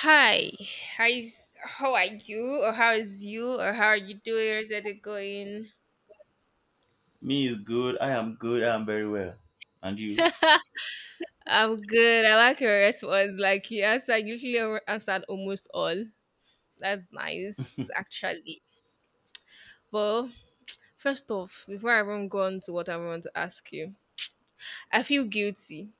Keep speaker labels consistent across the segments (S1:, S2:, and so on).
S1: Hi, hi. How are you? Or how is you? Or how are you doing? How's it going?
S2: Me is good. I am good. I am very well. And you?
S1: I'm good. I like your response. Like you answered, usually answered almost all. That's nice, actually. But first off, before I even go on to what I want to ask you, I feel guilty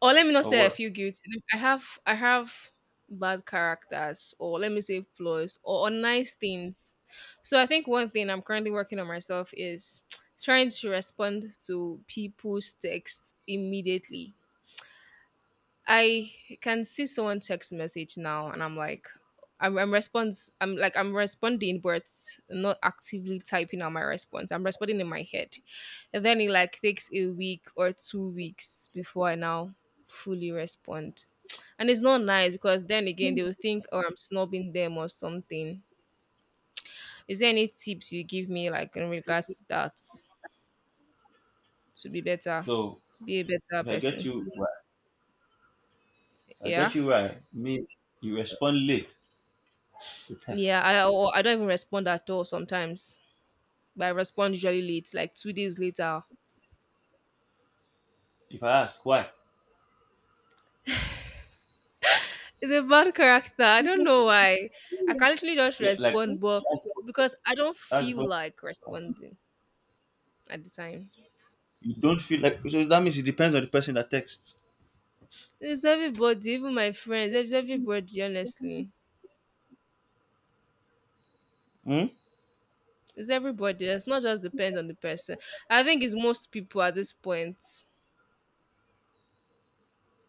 S1: or let me not
S2: Or
S1: say I
S2: what?
S1: feel guilty. I have bad characters or let me say flaws or nice things. So I think one thing I'm currently working on myself is trying to respond to people's texts immediately. I can see someone text message now, and I'm like, I'm response. I'm like, I'm responding, but not actively typing out my response. I'm responding in my head, and then it like takes a week or 2 weeks before I now fully respond, and it's not nice because then again they will think, oh, I'm snobbing them or something. Is there any tips you give me like in regards to that to be better,
S2: So
S1: to be a better
S2: if I get
S1: person?
S2: you right, if I
S1: Yeah,
S2: get you right. me, you respond late to
S1: yeah.
S2: text.
S1: I or I don't even respond at all sometimes, but I respond usually late, like 2 days later.
S2: If I ask why,
S1: It's a bad character. I don't know why. I can literally just
S2: yeah, like
S1: respond, but
S2: that's
S1: because I don't
S2: that's
S1: feel
S2: what
S1: like responding at the time.
S2: you don't feel like. So that means it depends on the person that texts.
S1: It's everybody, even my friends, it's everybody, honestly.
S2: Hmm?
S1: It's everybody. It's not just depend on the person. I think it's most people at this point.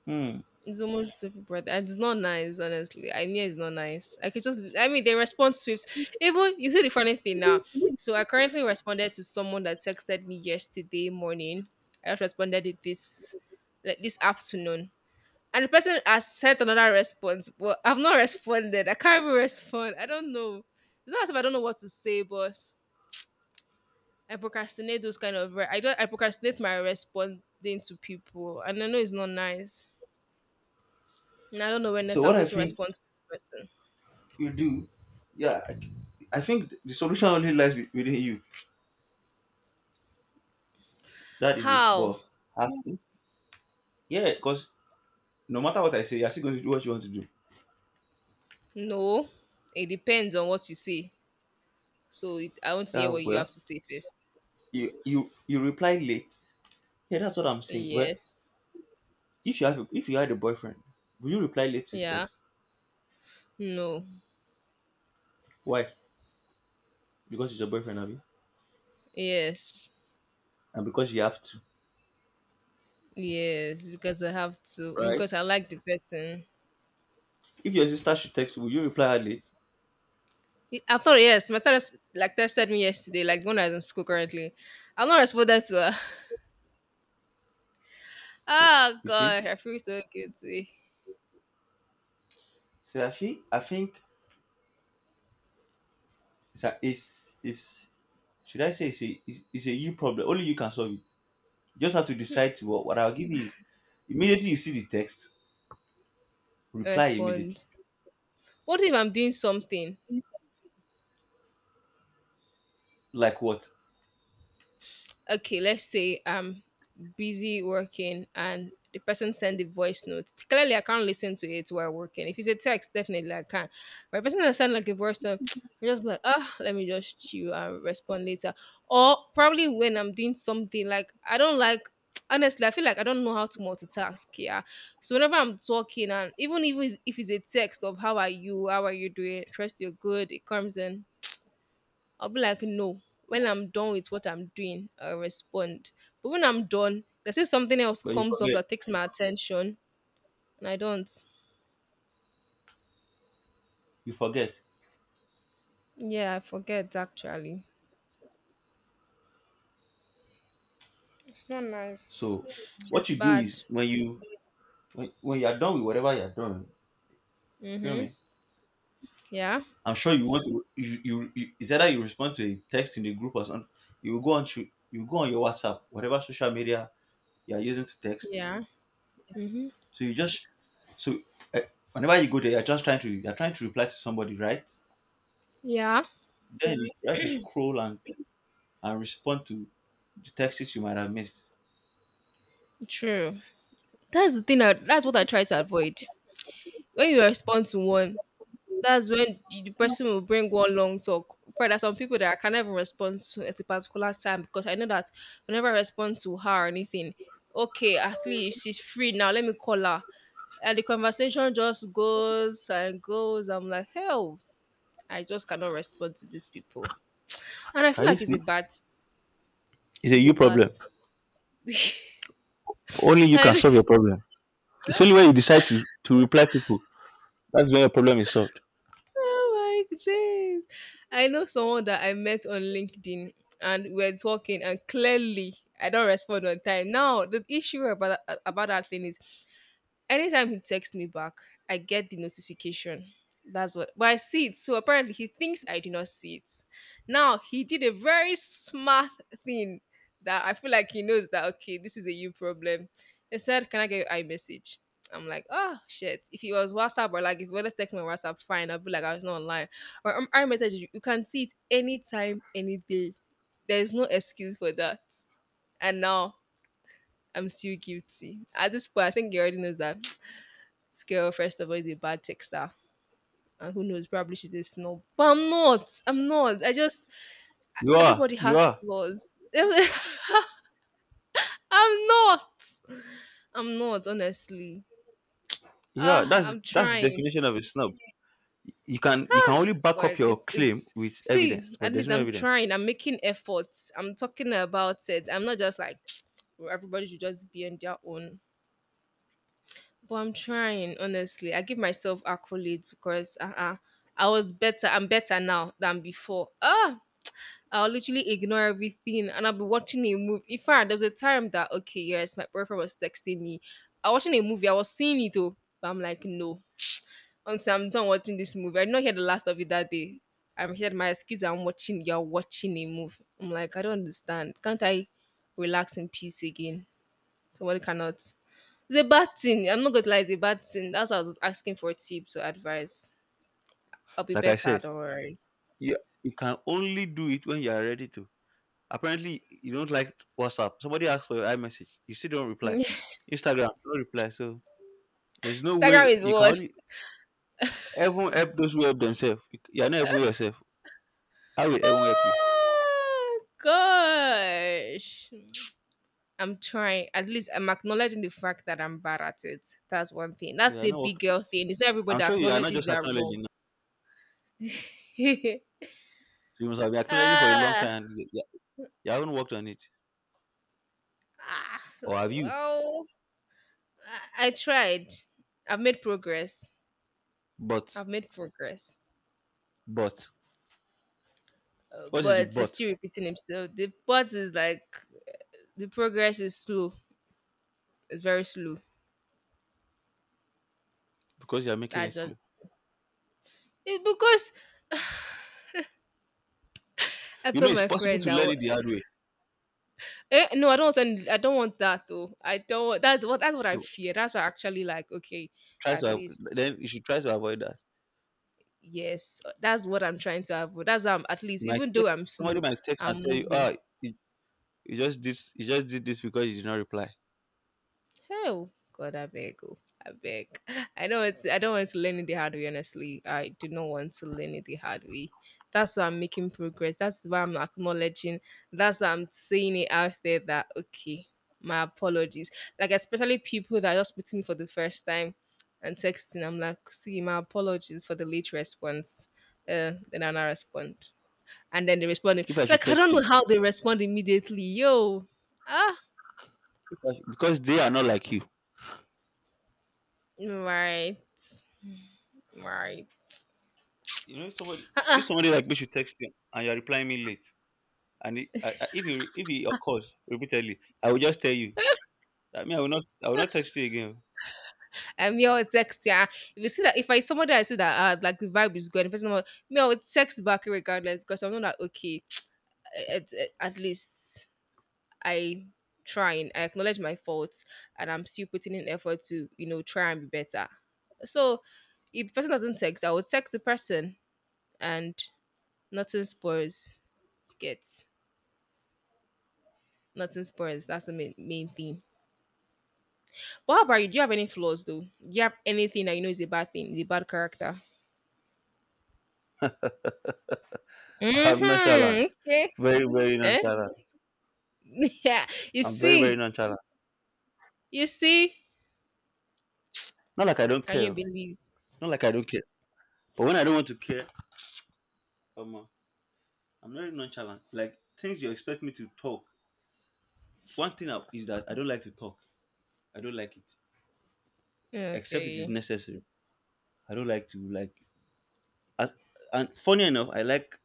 S2: Hmm.
S1: It's almost civil brother. It's not nice, honestly. I knew it's not nice. I could just, I mean, they respond swift. Even you see the funny thing now. So I currently responded to someone that texted me yesterday morning. I just responded it this, like this afternoon, and the person has sent another response, but I've not responded. I can't even respond. I don't know. It's not as if I don't know what to say, but I procrastinate those kind of. I don't. I procrastinate my responding to people, and I know it's not nice. I don't know when next
S2: So
S1: I'm
S2: what
S1: going
S2: I
S1: to
S2: think
S1: respond to this person.
S2: you do, yeah, I think the solution only lies within you. That is it.
S1: How?
S2: But I think, yeah, because no matter what I say, you're still going to do what you want to do.
S1: No, it depends on what you say. So it, I want to hear what you
S2: Well,
S1: have to say first.
S2: you reply late. Yeah, that's what I'm saying. Well,
S1: Yes.
S2: if you had a boyfriend, will you reply late to his
S1: Yeah.
S2: text?
S1: No.
S2: Why? Because he's your boyfriend, have you?
S1: Yes.
S2: And because you have to,
S1: Yes. Because I have to.
S2: right?
S1: Because I like the person.
S2: If your sister should text, will you reply her late?
S1: I thought yes. My sister like texted me yesterday. Like the one that's in school currently. I'm not responded to her.
S2: Okay.
S1: Oh
S2: You see?
S1: gosh, I feel so guilty.
S2: So I think it's, should I say, it's a you problem. Only you can solve it. You just have to decide to — what I'll give you is, immediately you see the text, reply immediately.
S1: Respond. What if I'm doing something?
S2: Like what?
S1: Okay, let's say I'm busy working and the person sent the voice note. Clearly I can't listen to it while working. If it's a text, definitely I can, but the person that sent like a voice note, I just be like, ah, let me just chew and respond later. Or probably when I'm doing something like I don't like, honestly I feel like I don't know how to multitask, yeah. So whenever I'm talking, and even if it's a text of how are you, how are you doing, trust you're good, it comes in. I'll be like, no. When I'm done with what I'm doing, I'll respond. But when I'm done, there's if something else
S2: But you
S1: comes up
S2: forget.
S1: that takes my attention, and I don't.
S2: You forget.
S1: Yeah, I forget actually. It's not nice.
S2: So what
S1: It's
S2: you do is,
S1: bad.
S2: when you are done with whatever you are doing, feel
S1: Mm-hmm.
S2: me.
S1: Yeah.
S2: I'm sure you want to. You It's either you respond to a text in the group or something. You go on your WhatsApp, whatever social media you are using to text.
S1: Yeah.
S2: So you just — so uh, whenever you go there, you're just trying to reply to somebody, right?
S1: Yeah.
S2: Then you have to scroll and respond to the texts you might have missed.
S1: True. That's the thing. That's what I try to avoid. When you respond to one, that's when the person will bring one long talk. For there are some people that I can never respond to at a particular time because I know that whenever I respond to her or anything, okay, at least she's free now. Let me call her. And the conversation just goes and goes. I'm like, hell, I just cannot respond to these people. And I feel
S2: Can you
S1: like it's
S2: see?
S1: a bad.
S2: It's a
S1: It's a
S2: you
S1: bad.
S2: problem. Only you can
S1: And
S2: solve your problem. It's only when you decide to reply people that's when your problem is solved.
S1: Oh my days. I know someone that I met on LinkedIn and we are talking and clearly I don't respond on time. Now the issue about that thing is anytime he texts me back, I get the notification. That's what, but I see it. So apparently, he thinks I do not see it. Now he did a very smart thing that I feel like he knows that okay, this is a you problem. He said, "Can I get your iMessage?" I'm like, oh shit. If it was WhatsApp or like if you were to text me on WhatsApp, fine. I would be like, I was not online. Or iMessage, you can see it anytime, any day. There is no excuse for that. And now I'm still guilty. At this point, I think he already knows that this girl, first of all, is a bad texter. And who knows, probably she's a snob. But I'm not. I'm not. I just,
S2: You are.
S1: everybody
S2: You
S1: has
S2: are.
S1: flaws. I'm not. I'm not, honestly.
S2: Yeah,
S1: Ah,
S2: that's
S1: I'm
S2: the
S1: trying.
S2: definition of a snob. You can only back up
S1: God,
S2: your claim with evidence,
S1: see,
S2: but
S1: at
S2: there's
S1: least
S2: no
S1: I'm
S2: evidence.
S1: trying. I'm making efforts. I'm talking about it. I'm not just like, "Well, everybody should just be on their own. But I'm trying, honestly. I give myself accolades because I was better. I'm better now than before. I'll literally ignore everything and I'll be watching a movie. In fact, there's a time that okay, yes, my boyfriend was texting me. I was watching a movie, I was seeing it though, but I'm like, no. Until I'm done watching this movie. I did not hear the last of it that day. I'm here, my excuse, I'm watching, you're watching a movie. I'm like, I don't understand. Can't I relax in peace again? Somebody cannot. It's a bad thing. I'm not gonna lie, it's a bad thing. That's why I was asking for tips or advice. I'll be
S2: Like I
S1: better,
S2: said,
S1: don't worry.
S2: you you can only do it when you are ready to. Apparently, you don't like WhatsApp. Somebody asks for your iMessage, you still don't reply. Instagram, no reply. So there's no
S1: Instagram
S2: way.
S1: is
S2: You can
S1: worse.
S2: only — everyone help those who help themselves. You are not helping yourself. How will everyone help you?
S1: Ah, gosh. I'm trying. At least I'm acknowledging the fact that I'm bad at it. That's one thing.
S2: But you
S1: That's
S2: are
S1: a
S2: not.
S1: big girl thing. It's not everybody
S2: I'm
S1: that
S2: sure you are not
S1: acknowledges
S2: just
S1: they're wrong.
S2: acknowledging. No. You must have been acknowledging for a long
S1: Ah,
S2: time. And you haven't worked on it,
S1: ah,
S2: or have you?
S1: well, I tried. I've made progress.
S2: But —
S1: I've made progress.
S2: but what is the
S1: But it's
S2: but?
S1: still repeating himself. The part is like the progress is slow. It's very slow.
S2: Because you are making it
S1: That's just
S2: slow.
S1: it's because I
S2: You
S1: told
S2: know, it's
S1: my
S2: possible
S1: friend
S2: to
S1: that
S2: learn it the hard way.
S1: Eh, no, I don't want any, I don't want that though. I don't. That's what I
S2: So
S1: fear. That's why I actually like okay,
S2: try to
S1: at
S2: avo-
S1: least
S2: then you should try to avoid that.
S1: yes, that's what I'm trying to avoid. That's why I'm at least
S2: You might
S1: even though
S2: text —
S1: I'm slow,
S2: somebody might text and
S1: I'm
S2: tell you,
S1: moving.
S2: you — you just did this because you did not reply.
S1: Oh God, I beg, oh, I beg. I know it's. I don't want to learn it the hard way. Honestly, I do not want to learn it the hard way. That's why I'm making progress. That's why I'm acknowledging. That's why I'm saying it out there. That okay, my apologies. Like especially people that are just meeting for the first time and texting. I'm like, see, my apologies for the late response. Then I now respond, and then they respond.
S2: If I should
S1: Like I
S2: text
S1: don't know
S2: you —
S1: how they respond immediately. Yo, ah,
S2: if I should, because they are not like you.
S1: right, right.
S2: You know, if somebody
S1: Uh-uh.
S2: if somebody like me should text you and you are replying me late, and it, I, if you if it occurs repeatedly, I will just tell you. I mean, I will not text you again.
S1: And me, I'll text yeah. If you see that, if I somebody I see that like the vibe is good, if it's not, me, I would text back regardless because I'm not that okay. At least I trying, I acknowledge my faults, and I'm still putting in effort to try and be better. So if the person doesn't text, I will text the person, and nothing spoils gets nothing spoils. That's the main thing. But how about you? Do you have any flaws though? Do you have anything that you know is a bad thing, is a bad character?
S2: I'm nonchalant,
S1: Mm-hmm. Okay.
S2: very very
S1: Eh?
S2: nonchalant.
S1: Yeah. You
S2: I'm very very
S1: see?
S2: nonchalant.
S1: You see?
S2: Not like I don't
S1: Can you
S2: care.
S1: believe?
S2: Not like I don't care. But when I don't want to care, um, uh, I'm very nonchalant. Like things you expect me to talk. One thing is that I don't like to talk. I don't like it, except it is
S1: Okay.
S2: necessary. I don't like to, like. As, and funny enough, I like —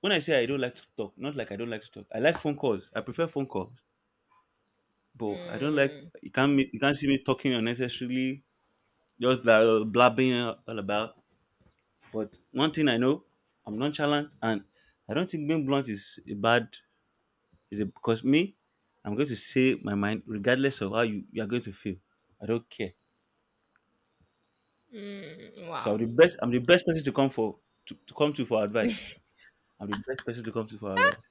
S2: when I say I don't like to talk, not like I don't like to talk. I like phone calls. I prefer phone calls. But I don't like —
S1: Hmm.
S2: you can't see me talking unnecessarily, just blabbing all about. But one thing I know, I'm nonchalant, and I don't think being blunt is a bad. Is it because me? I'm going to say my mind regardless of how you are going to feel. I don't care.
S1: Mm.
S2: So
S1: Wow.
S2: I'm the best. I'm the best person to come for — to come to for advice. I'm the best person to come to for advice.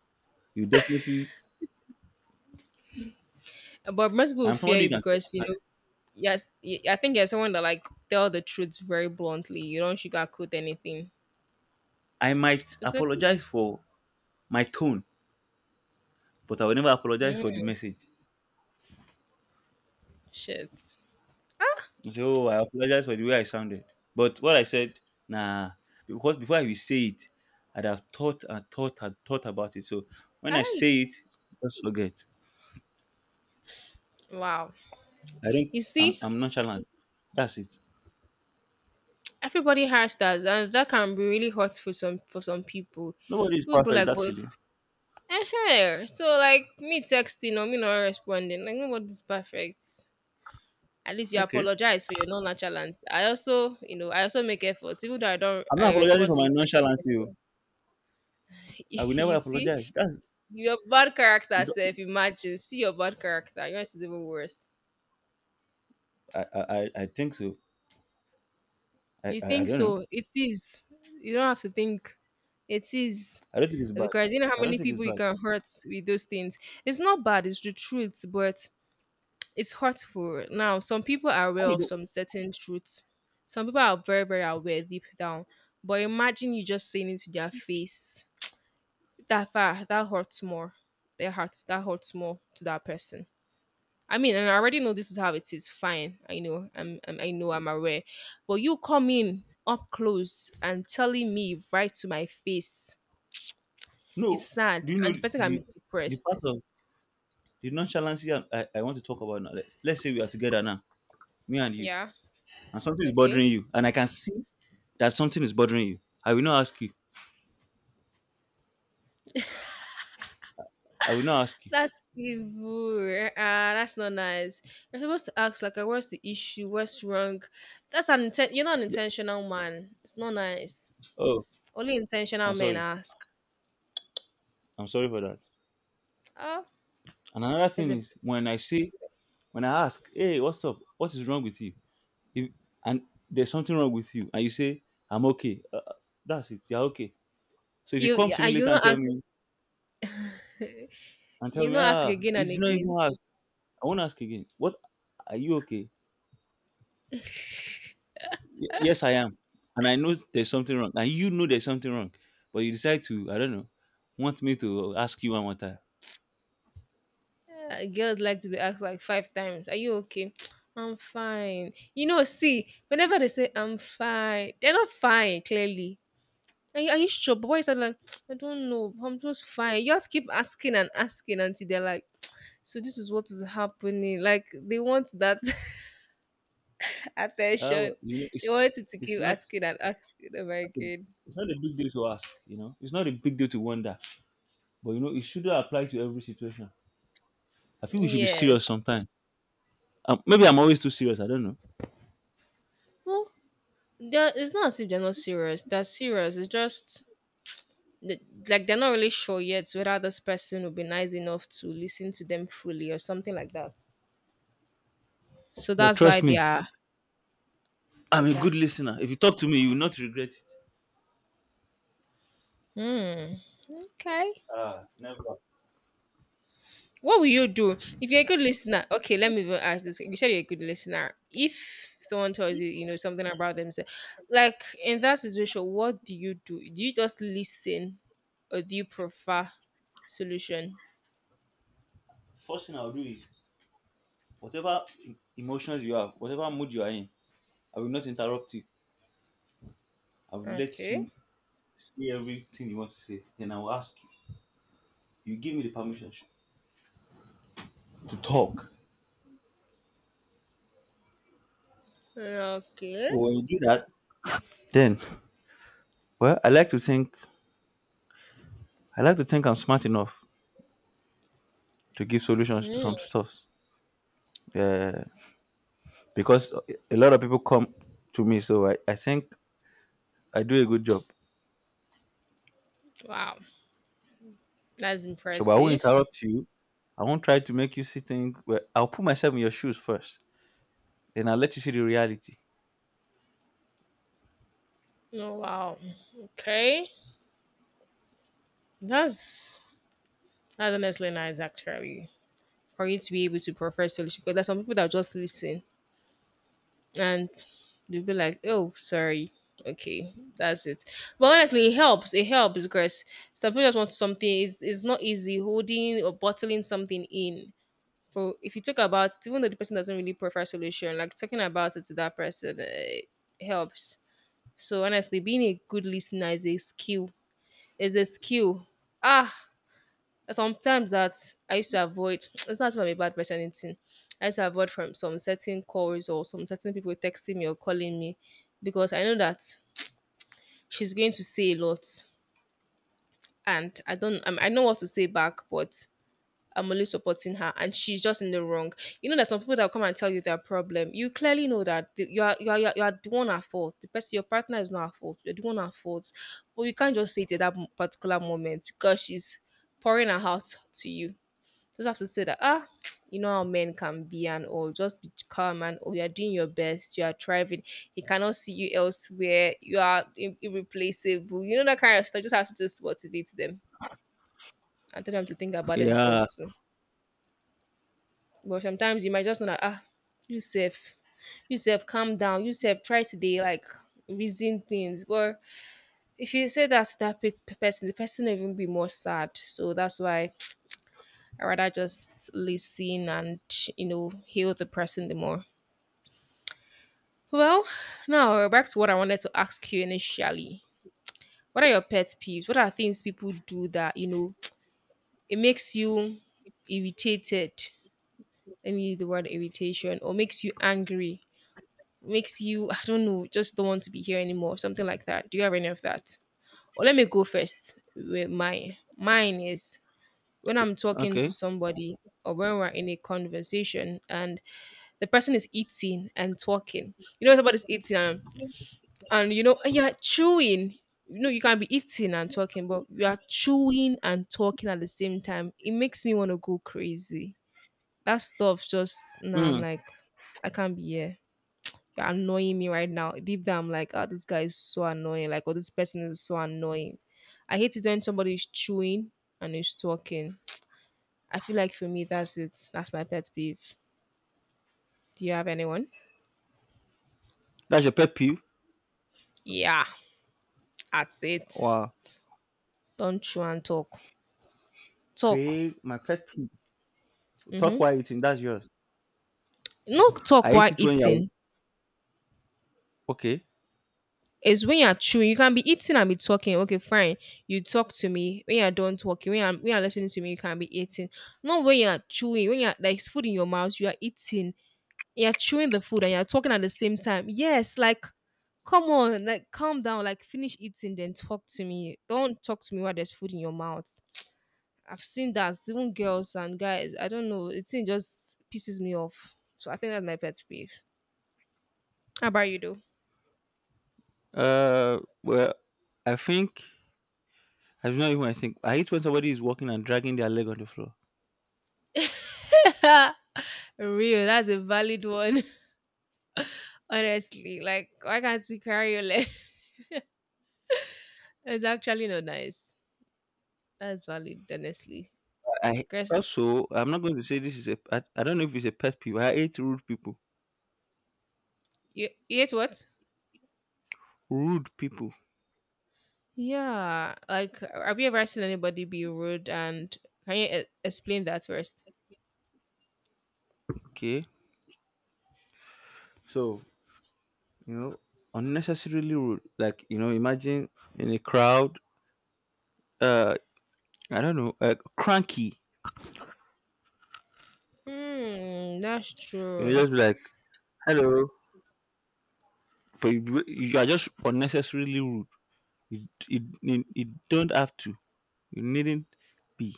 S2: You definitely.
S1: But most people
S2: I'm
S1: fear
S2: somebody
S1: you
S2: you can tell.
S1: because
S2: You
S1: you
S2: can
S1: know.
S2: say,
S1: Yes, I think you're someone that like tell the truth very bluntly. You don't sugarcoat anything.
S2: I might
S1: Is it?
S2: apologize for my tone, but I will never apologize
S1: Mm,
S2: for the message.
S1: shit.
S2: You say, oh, I apologize for the way I sounded. But what I said, nah, because before I will say it, I'd have thought and thought and thought about it. So when I
S1: Aye.
S2: say it, just forget.
S1: Wow.
S2: I think
S1: You
S2: I'm
S1: see,
S2: I'm nonchalant. That's it.
S1: everybody has that, and that can be really hot for some people.
S2: Nobody is
S1: People be
S2: perfect,
S1: like, but
S2: actually.
S1: eh, eh," so like me texting or me not responding, like nobody's perfect. At least you
S2: Okay.
S1: apologize for your non-nonchalance. I also make efforts. Even though I don't
S2: I'm not
S1: I
S2: apologizing for
S1: respond
S2: my
S1: late, I still
S2: nonchalancy.
S1: respond.
S2: Oh, I will never
S1: You see,
S2: apologize. That's
S1: your bad character
S2: it,
S1: self, imagine. See your bad character. Yours is even worse.
S2: I think so. I,
S1: You
S2: I I
S1: think
S2: don't know.
S1: so. It is. You don't have to think. It is.
S2: I don't think it's bad.
S1: Because you know how
S2: I don't
S1: many
S2: think it's
S1: people you
S2: bad.
S1: can hurt with those things. It's not bad, it's the truth, but it's hurtful. Now, some people are
S2: Why
S1: aware
S2: you
S1: of
S2: don't?
S1: some certain truths. Some people are very, very aware
S2: Okay.
S1: deep down. But imagine you just saying it to their face. That far, that hurts more. Their heart, that hurts more to that person. I mean, and I already know this is how it is. Fine, I know. I know. I'm aware. But you come in up close and telling me right to my face. It's
S2: No.
S1: sad,
S2: Do you know
S1: and the
S2: the —
S1: person can
S2: the
S1: be
S2: the
S1: depressed.
S2: part of the nonchalancy I want to talk about now? Let's say we are together now, me and you,
S1: Yeah.
S2: and something is
S1: Okay.
S2: bothering you, and I can see that something is bothering you. I will not ask you. I will not ask you.
S1: That's evil. Ah, that's not nice. You're supposed to ask like, "What's the issue? What's wrong?" You're not an intentional man. It's not nice.
S2: Oh,
S1: Only intentional
S2: I'm
S1: men
S2: sorry.
S1: ask.
S2: I'm sorry for that.
S1: Oh,
S2: And another
S1: as
S2: thing
S1: a
S2: is when I ask, hey, what's up? What is wrong with you? If And there's something wrong with you, and you say, I'm okay. That's it. You're okay. So if you
S1: you
S2: come
S1: yeah,
S2: to me
S1: and you
S2: later and
S1: not ask you not ask again and
S2: it's not even
S1: again.
S2: ask. I won't ask again. What — are you okay? Yes, I am. And I know there's something wrong, and you know there's something wrong, but you decide to, I don't know, want me to ask you one more time.
S1: Yeah, girls like to be asked like five times. Are you okay? I'm fine. See, whenever they say I'm fine, they're not fine clearly. Are you sure? But why is that like I don't know. I'm just fine. You just keep asking and asking until they're like. So this is what is happening. Like they want that
S2: Ah,
S1: attention.
S2: well,
S1: They want you to
S2: it's
S1: keep
S2: not it's
S1: asking and asking them
S2: not a
S1: again.
S2: it's not a big deal to ask. It's not a big deal to wonder. But it shouldn't apply to every situation. I think we should be serious
S1: Yes.
S2: sometimes. Maybe I'm always too serious. I don't know.
S1: Well, it's not as if they're not serious. They're serious. It's just th- like they're not really sure yet whether this person will be nice enough to listen to them fully or something like that. So
S2: But
S1: that's why
S2: trust
S1: they
S2: me,
S1: are
S2: I'm
S1: like
S2: a
S1: that.
S2: good listener. If you talk to me, you will not regret it.
S1: Hmm. Okay.
S2: Ah, never.
S1: What will you do if you're a good listener? Okay, let me even ask this. You said you're a good listener. If someone tells you, something about themselves, like in that situation, what do you do? Do you just listen, or do you prefer solution?
S2: First thing I'll do is, whatever emotions you have, whatever mood you are in, I will not interrupt you. I will let
S1: Okay.
S2: you say everything you want to say. Then I will ask you. You give me the permission to talk.
S1: Okay.
S2: When you do that, then well, I like to think I'm smart enough to give solutions to
S1: Mm,
S2: some stuff. Yeah. Because a lot of people come to me, so I think I do a good job.
S1: wow, that's
S2: So, but I won't
S1: impressive.
S2: interrupt you. I won't try to make you see things. But I'll put myself in your shoes first, then I'll let you see the reality.
S1: Oh wow. Okay, that's that's honestly nice actually. For you to be able to prefer solution, because there's some people that just listen and they'll be like, "Oh, sorry." Okay, that's it. But honestly, it helps. It helps because some people just want something. It's not easy holding or bottling something in. For if you talk about it, even though the person doesn't really prefer solution, like talking about it to that person it helps. So honestly, being a good listener is a skill. Is a skill. Ah, there's sometimes that I used to avoid. It's not that I'm a bad person, or anything. I used to avoid from some certain calls or some certain people texting me or calling me because I know that she's going to say a lot, and I don't. I know what to say back, but I'm only supporting her, and she's just in the wrong. There's some people that come and tell you their problem. You clearly know that you are the one at fault. The person, your partner, is not at fault. You're the one at fault, but you can't just say it at that particular moment because she's pouring her heart to you just have to say that, ah, you know how men can be and all. Just be calm and oh, you're doing your best. You are thriving. He cannot see you elsewhere. You are irreplaceable. You know that kind of stuff. Just have to just motivate them and tell them to think about themselves
S2: Yeah.
S1: too. But sometimes you might just know that, you safe. You safe, calm down. You safe, try today. Like, reason things. But if you say that to that person, the person will even be more sad. So that's why I rather just listen and heal the person the more. Well, now we're back to what I wanted to ask you initially. What are your pet peeves? What are things people do that, it makes you irritated? Let me use the word irritation or makes you angry, makes you, I don't know, just don't want to be here anymore, something like that. Do you have any of that? Or let me go first with mine. Mine is when I'm talking to
S2: Okay.
S1: somebody or when we're in a conversation and the person is eating and talking. Somebody's eating and you know you're chewing, you know you can be eating and talking, but you are chewing and talking at the same time. It makes me want to go crazy. That stuff just now I'm
S2: Mm.
S1: like I can't be here. You're annoying me right now. Deep down I'm like, oh, this guy is so annoying, like, oh, this person is so annoying. I hate it when somebody is chewing and is talking. I feel like for me that's it. That's my pet peeve. Do you have anyone?
S2: That's your pet peeve.
S1: Yeah, that's it.
S2: Wow.
S1: Don't chew and talk.
S2: Okay. My pet peeve. Talk while eating. That's yours.
S1: Not
S2: I
S1: talk while
S2: hate it when you're —
S1: eating.
S2: okay.
S1: It's when you're chewing. You can be eating and be talking. Okay, fine. You talk to me. When you're done talking, when you're listening to me, you can be eating. Not when you're chewing. When you're like it's food in your mouth, you are eating. You're chewing the food and you're talking at the same time. Yes, like come on, like calm down, like finish eating, then talk to me. Don't talk to me while there's food in your mouth. I've seen that even girls and guys. I don't know. It just pisses me off. So I think that's my pet peeve. How about you, though?
S2: Uh. Well, I think — I don't know even. I think I hate when somebody is walking and dragging their leg on the floor.
S1: Real, that's a valid one. Honestly, like why can't you carry your leg? It's actually not nice. That's valid, honestly.
S2: I
S1: Cause
S2: also — I'm not going to say this is a — I don't know if it's a pet peeve. I hate rude people.
S1: you hate what?
S2: Rude people.
S1: Yeah, like have you ever seen anybody be rude? And can you explain that first?
S2: Okay. So, you know, unnecessarily rude. Like, imagine in a crowd, uh I don't know, cranky.
S1: Hmm, that's true.
S2: Just be like, hello. But you are just unnecessarily rude. You don't have to. You needn't be.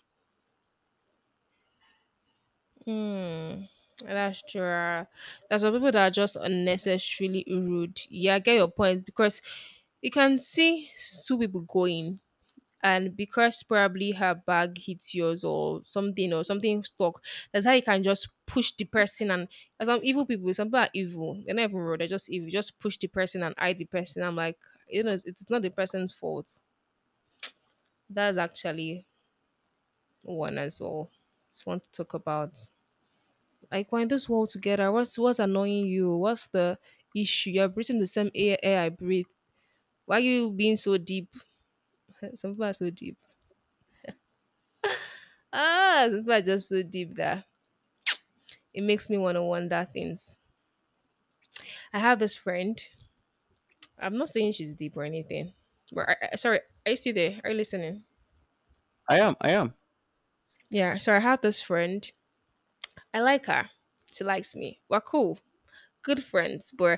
S1: Hmm, that's true. There's some people that are just unnecessarily rude. Yeah, I get your point because you can see two people going. And because probably her bag hits yours or something stuck, that's how you can just push the person and some evil people, some people are evil. They're not even rude, they're just evil. Just push the person and hide the person. I'm like, it's not the person's fault. That's actually one as well. Just want to talk about like we're in this world together. What's annoying you? What's the issue? You're breathing the same air I breathe. Why are you being so deep? Some people are so deep. Ah, some people are just so deep there. It makes me want to wonder things. I have this friend. I'm not saying she's deep or anything, but sorry, are you still there? Are you listening?
S2: I am, I am.
S1: Yeah. So I have this friend. I like her. She likes me. We're cool, good friends, but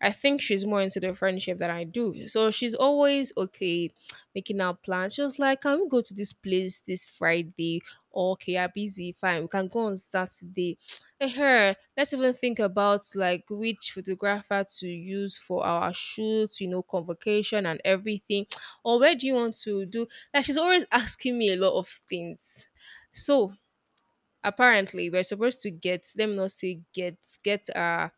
S1: I think she's more into the friendship than I do. So she's always okay making out plans. She was like, "Can we go to this place this Friday?" Okay, I'm busy. Fine, we can go on Saturday. And her, let's even think about like which photographer to use for our shoot, convocation and everything. Or where do you want to do? Like she's always asking me a lot of things. So apparently we're supposed to get let me not say get a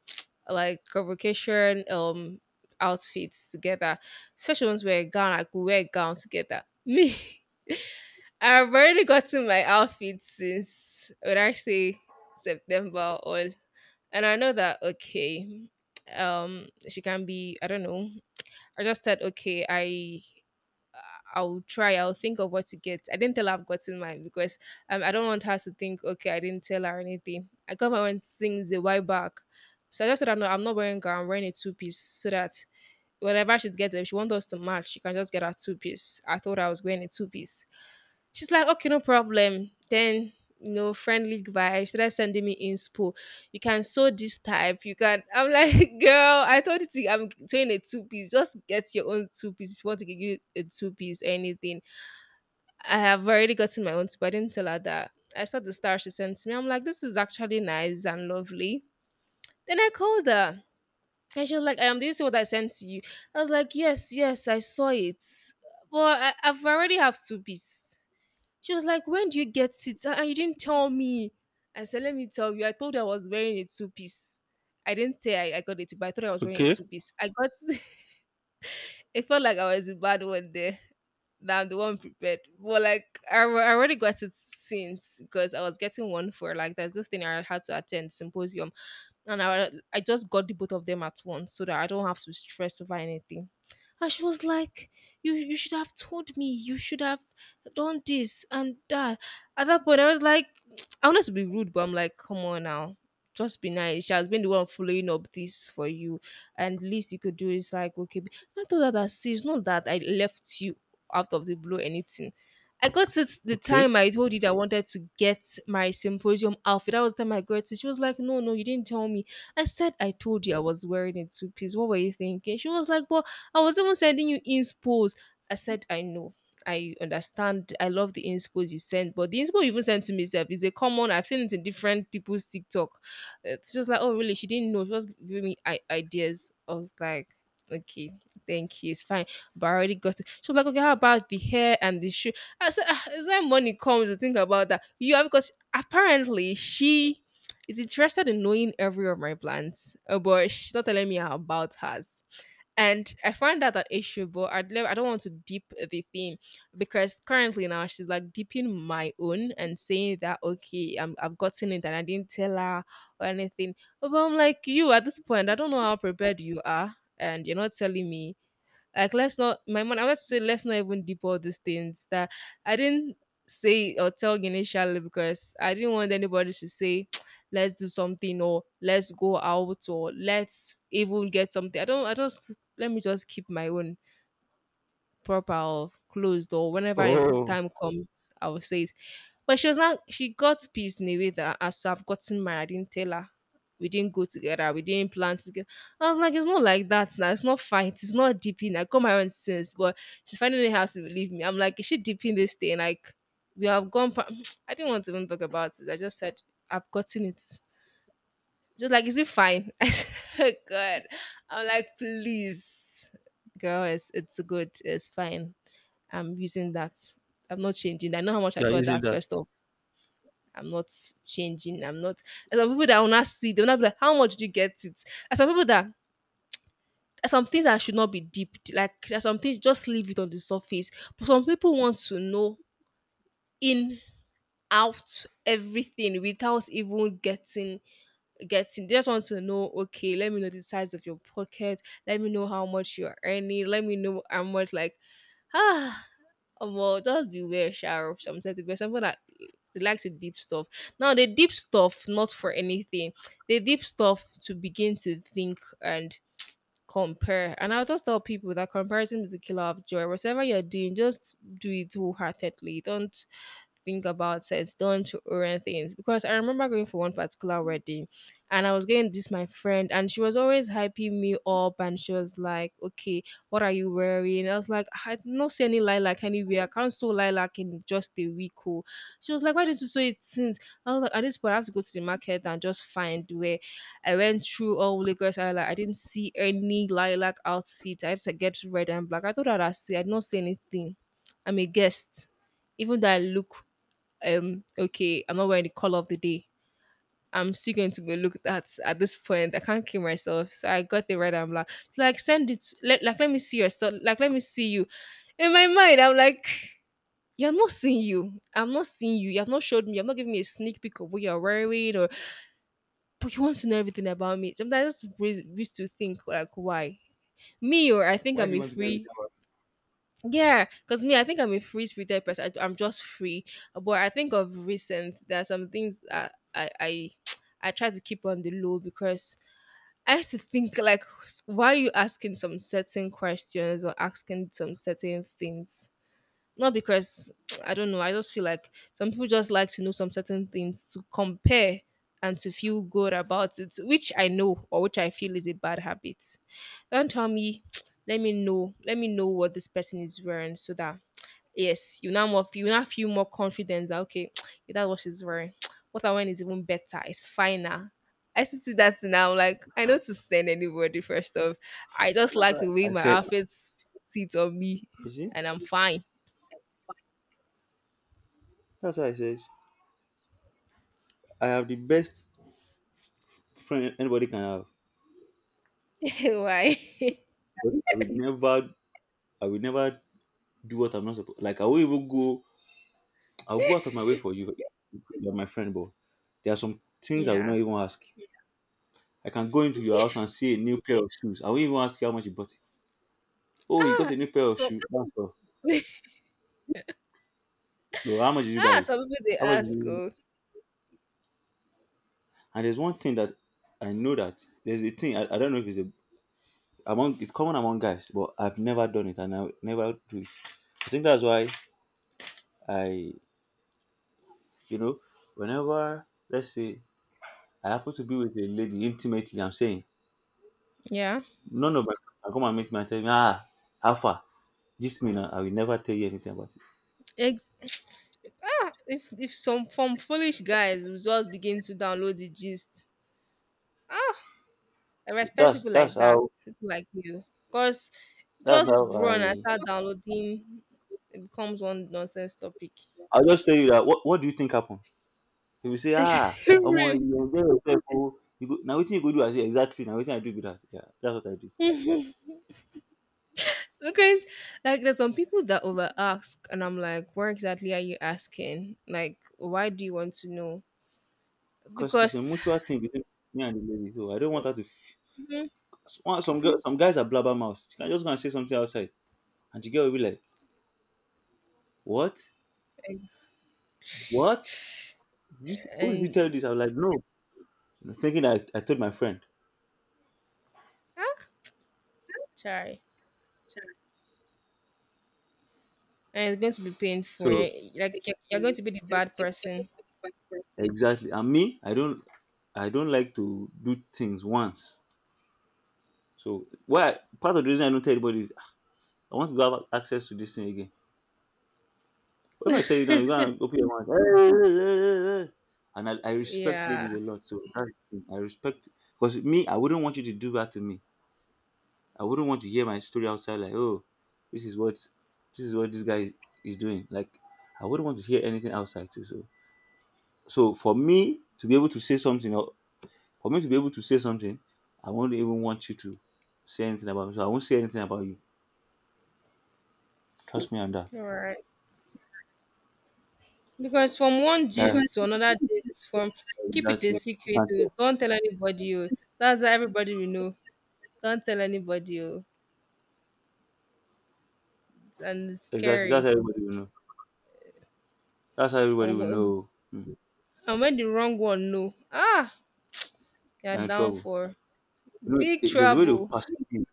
S1: like convocation outfits together. Such ones wear a gown, I could wear a gown together. Me, I've already gotten my outfit since when I say September or and I know that okay, she can be I don't know. I just said okay, I'll try. I'll think of what to get. I didn't tell her I've gotten mine because I don't want her to think, okay, I didn't tell her or anything. I got my own things a while back. So I just said, no, I'm not wearing gown. I'm wearing a two piece so that whenever she gets it, if she wants us to match, she can just get her two piece. I thought I was wearing a two piece. She's like, okay, no problem. Then, friendly vibe. She started sending me inspo. You can sew this type. You can. I'm like, girl, I told you I'm sewing a two piece. Just get your own two piece. If you want to get you a two-piece, anything I have already gotten my own too, but I didn't tell her that. I saw the star she sent to me. I'm like, this is actually nice and lovely. Then I called her and she was like, did you see what I sent to you? I was like, yes, yes, I saw it. But I've already have two pieces. She was like, when do you get it? And you didn't tell me. I said, let me tell you. I told her I was wearing a two piece. I didn't say I got it, but I thought I was wearing a
S2: Okay.
S1: two piece. I got. It felt like I was the bad one there. That I'm the one prepared. But like I already got it since because I was getting one for like there's this thing I had to attend symposium and I just got the both of them at once so that I don't have to stress over anything. And she was like, "You should have told me. You should have done this and that." At that point, I was like, I wanted to be rude, but I'm like, "Come on now." Just be nice. She has been the one following up this for you, and least you could do is like, okay. be- I told her that see, it's not that I left you out of the blue, or anything. I got it the
S2: Okay.
S1: time I told you that I wanted to get my symposium outfit. That was the time I got it. She was like, no, no, you didn't tell me. I said I told you I was wearing a two piece. What were you thinking? She was like, but I was even sending you inspos. I said, I know. I understand. I love the inspos you sent, but the inspo you even sent to me self is a common. I've seen it in different people's TikTok. It's just like, "Oh, really?" She didn't know. She was giving me I- ideas. I was like, "Okay, thank you. It's fine." But I already got it. She was like, "Okay, how about the hair and the shoe?" I said, "Ah, it's when money comes to think about that. You have because apparently she is interested in knowing every of my plans, but she's not telling me about hers. And I find that an issue, but I'd never, I don't want to deep the thing because currently now she's like deeping my own and saying that okay, I've gotten it and I didn't tell her or anything. But I'm like you at this point, I don't know how prepared you are, and you're not telling me like let's not my mom. I want to say let's not even deep all these things that I didn't say or tell initially because I didn't want anybody to say let's do something or let's go out or let's even get something. I don't I just let me just keep my own proper or closed or whenever it-
S2: Oh,
S1: time comes, I will say it. But she was not. She got pissed in a way that as I've gotten married, I didn't tell her. We didn't go together. We didn't plan together. I was like, it's not like that now. It's not fight. It's not deeping. I got my own sense, but she's finding it hard to believe me. I'm like, is she deeping this thing? Like, we have gone. Pa- I didn't want to even talk about it. I just said I've gotten it. Just like, is it fine? I said, God. I'm like, please, girl, it's good. It's fine. I'm using that. I'm not changing. I know how much I
S2: you are
S1: got
S2: using
S1: that
S2: that.
S1: first off. I'm not changing. I'm not. There's some people that will not see. They'll not be like, "How much did you get it?" There's some people that there's some things that should not be deep. Like there's some things just leave it on the surface. But some people want to know in out everything without even getting they just want to know okay let me know the size of your pocket let me know how much you're earning let me know how much like ah. Well, just beware, Shah, of some certain people. Some people that they like to deep stuff. Now they deep stuff not for anything. They deep stuff to begin to think and compare. And I'll just tell people that comparison is the killer of joy. Whatever you're doing, just do it wholeheartedly. Don't think about it, don't to orient things. Because I remember going for one particular wedding and I was going with this my friend and she was always hyping me up and she was like, okay, what are you wearing? I was like, I did not see any lilac anywhere. I can't sew lilac in just a week. Oh. She was like, why didn't you sew it since? I was like, at this point I have to go to the market and just find where I went through all Lagos Island. I didn't see any lilac outfit. I had to get red and black. I thought I'd see. I did not see anything. I'm a guest, even though I look okay, I'm not wearing the color of the day. I'm still going to be looked at this point. I can't kill myself. So I got the red and black. Like, send it. Let, like, let me see yourself. Like, let me see you. In my mind, I'm like, you're not seeing you. I'm not seeing you. You have not showed me. You have not given me a sneak peek of what you're wearing or but you want to know everything about me. Sometimes I just re- used to think like, why me? Or I think
S2: Why do
S1: I'm
S2: you
S1: a
S2: want to get rid
S1: free
S2: of
S1: yeah, because me, I think I'm a free spirited person. Am just free. But I think of recent, there are some things that I try to keep on the low because I used to think like, why are you asking some certain questions or asking some certain things? Not because I don't know. I just feel like some people just like to know some certain things to compare and to feel good about it, which I know or which I feel is a bad habit. Don't tell me. Let me know. Let me know what this person is wearing so that yes, you now feel more confident that okay, if that's what she's wearing. What I wearing is even better. It's finer. I still see that now. Like I know to send anybody first off. I just like the
S2: it?
S1: way
S2: I
S1: my
S2: said,
S1: outfits s- sits on me,
S2: you see?
S1: and I'm fine.
S2: That's what I said. I have the best friend anybody can have.
S1: Why?
S2: I will never, I will never do what I'm not supposed. Like I'll go out of my way for you. You're my friend, but there are some things I will
S1: yeah.
S2: not even ask. I can go into your house and see a new pair of shoes. I won't even ask you how much you bought it. Oh, you got
S1: Ah.
S2: a new pair of
S1: So
S2: shoes. That's all. But how much did you buy
S1: ah.
S2: it?
S1: Some people they
S2: How much? Did
S1: ask.
S2: you —
S1: Oh.
S2: and there's one thing that I know, that there's a thing. I don't know if it's a — among — it's common among guys, but I've never done it and I will never do it. I think that's why I you know, whenever, let's say I happen to be with a lady intimately, I'm saying,
S1: Yeah.
S2: none of my I come and — meet me and tell me, how far? This mean I will never tell you anything about it.
S1: Ex- ah, if some from foolish guys will just begin to download the gist. Ah. I respect
S2: That's
S1: people
S2: that's
S1: like that,
S2: how
S1: people like you, because
S2: that's
S1: just
S2: how
S1: run and
S2: I —
S1: start downloading, it becomes one nonsense topic.
S2: I'll just tell you that, what do you think happened? He will say, ah, omo,
S1: Real.
S2: you enjoy yourself, oh, you go now waiting you go do I say exactly now waiting I do be that. Yeah, that's what I do.
S1: because like there's some people that over ask and I'm like where exactly are you asking like why do you want to know
S2: Because it's a
S1: because
S2: mutual thing between me and the lady. So I don't want her to
S1: Mhm.
S2: some girls some guys are blabbermouth. She can just go and say something outside and the girl will be like, what?
S1: Ex-
S2: What? Did you, who did you tell
S1: and
S2: this? I was like, no. Thinking I told my friend.
S1: ah, sorry and it's going to be painful
S2: So
S1: eh? Like you're going to be the bad person
S2: exactly. And me, I don't like to do things once. So why part of the reason I don't tell anybody is I want to go have access to this thing again. But if I tell you now, you're gonna open your mouth. "Hey, hey, hey, hey, hey, hey." And I respect
S1: yeah.
S2: ladies a lot. So that's the thing. I respect because me, I wouldn't want you to do that to me. I wouldn't want to hear my story outside like, oh, this is what this guy is doing. Like I wouldn't want to hear anything outside too. So for me to be able to say something or for me to be able to say something, I won't even want you to say anything about me. So I won't say anything about you. Trust me on that.
S1: All right. Because from one
S2: That-
S1: gist to another gist, from keep it a
S2: exactly. It's
S1: secret to
S2: unfair.
S1: don't tell anybody. Oh, that's how everybody will know. Don't tell anybody. Oh, and it's
S2: Exactly. That's
S1: scary.
S2: how everybody will know. That's how everybody
S1: Or
S2: will
S1: wh-
S2: know. Mm,
S1: and when the wrong one know, ah, you're
S2: you're in
S1: down
S2: trouble.
S1: for
S2: You know,
S1: big
S2: there's a way they will
S1: trouble
S2: perceive you.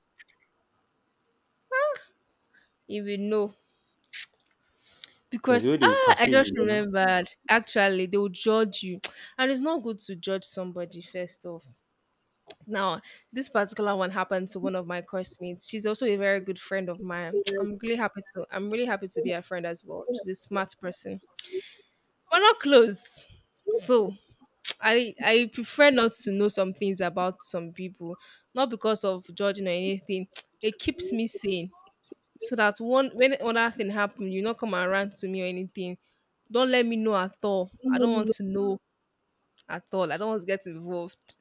S1: if you know.
S2: There's
S1: Because
S2: a way they will
S1: ah, I
S2: perceive
S1: just
S2: you. Huh?
S1: remembered. Actually, they will judge you, and it's not good to judge somebody first off. Now, this particular one happened to one of my classmates. She's also a very good friend of mine. I'm really happy to be her friend as well. She's a smart person. We're not close. So I prefer not to know some things about some people. Not because of judging or anything. It keeps me sane. So that one when another thing happen, you not come and rant to me or anything. Don't let me know at all. I don't want to know at all. I don't want to get involved.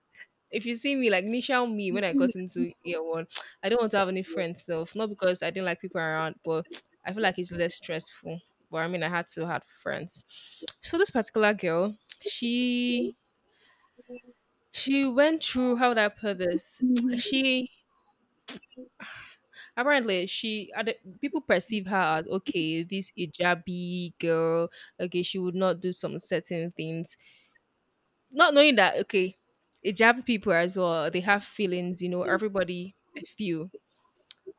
S1: If you see me, like initial me when I got into year one, I don't want to have any friends self. Not because I didn't like people around, but I feel like it's less stressful. But I mean I had to have friends. So this particular girl, she she went through how would I put this? She apparently she other- people perceive her as okay, this hijabi girl, okay, she would not do some certain things. Not knowing that okay, hijabi people as well, they have feelings, you know, everybody feel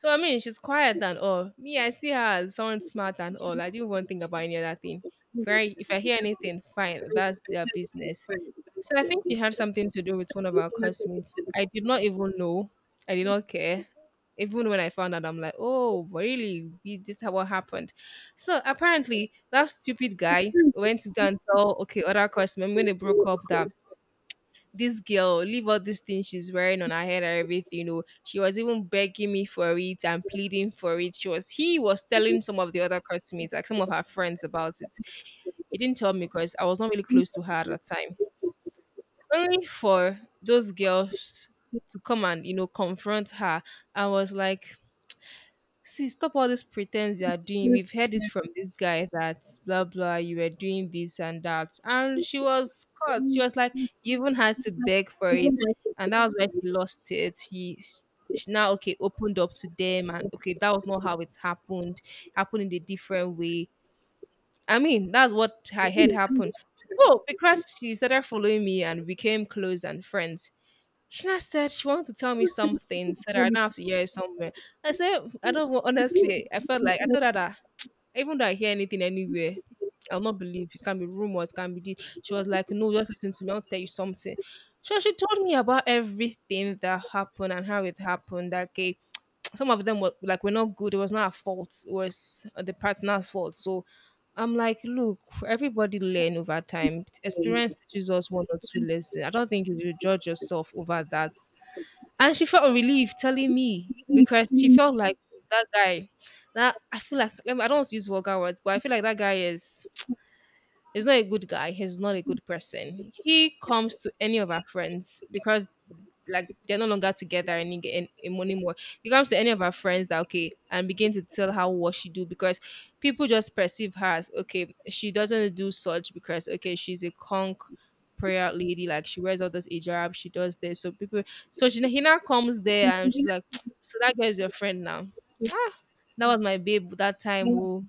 S1: so I mean, she's quiet and all. Me, I see her as someone smart and all. I didn't even think about any other thing. If I hear anything, fine, that's their business. So I think she had something to do with one of our classmates. I did not even know. I did not care. Even when I found out, I'm like, oh, really? We- this is what happened. So apparently, that stupid guy went to go and tell, okay, other classmates when they broke up that this girl leave all these things she's wearing on her head and everything, she was even begging me for it and pleading for it. She was he was telling some of the other classmates, like some of her friends, about it. He didn't tell me because I was not really close to her at that time. Only for those girls to come and confront her. I was like, "See, stop all this pretense you are doing. We've heard it from this guy that blah blah, you were doing this and that." And she was caught. She was like, "You even had to beg for it." And that was where she lost it. She now, okay, opened up to them. And okay, that was not how it happened. Happened in a different way. I mean, that's what I heard happen. So, because she started following me and became close and friends, Shina said she wanted to tell me something so that I don't have to hear it somewhere. I said, I don't wa- honestly, I felt like I told her that even though I hear anything anywhere, I'll not believe it. Can be rumors, can be this. She was like, "No, just listen to me, I'll tell you something." So she told me about everything that happened and how it happened. That okay, some of them were not good, it was not our fault, it was the partner's fault. So I'm like, look, everybody learn over time. Experience teaches us one or two lessons. I don't think you should judge yourself over that. And she felt relieved telling me because she felt like, "Oh, that guy that I feel like, I don't want to use vulgar words, but I feel like that guy is, he's not a good guy. He's not a good person. He comes to any of our friends because like they're no longer together and in money more. Anymore. It comes to any of her friends that okay, and begin to tell her what she do because people just perceive her as okay, she doesn't do such because okay, she's a conch prayer lady, like she wears all this hijab, she does this." So people, so she he now comes there and she's like, "So that girl is your friend now." "Ah, that was my babe that time." "Oh."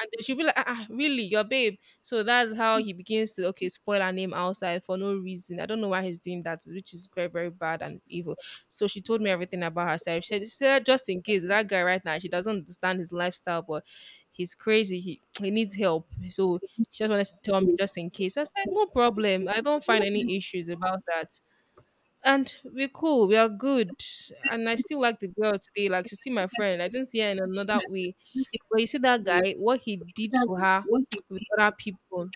S1: And she'll be like, "Ah, ah, really, your babe?" So that's how he begins to okay spoil her name outside for no reason. I don't know why he's doing that, which is very very bad and evil. So she told me everything about herself. She said just in case that guy right now, she doesn't understand his lifestyle, but he's crazy. He needs help. So she just wanted to tell me just in case. I said no problem. I don't find any issues about that. And we're cool. We are good. And I still like the girl today. Like she's still my friend. I didn't see her in another way. But you see that guy, what he did to her with other people.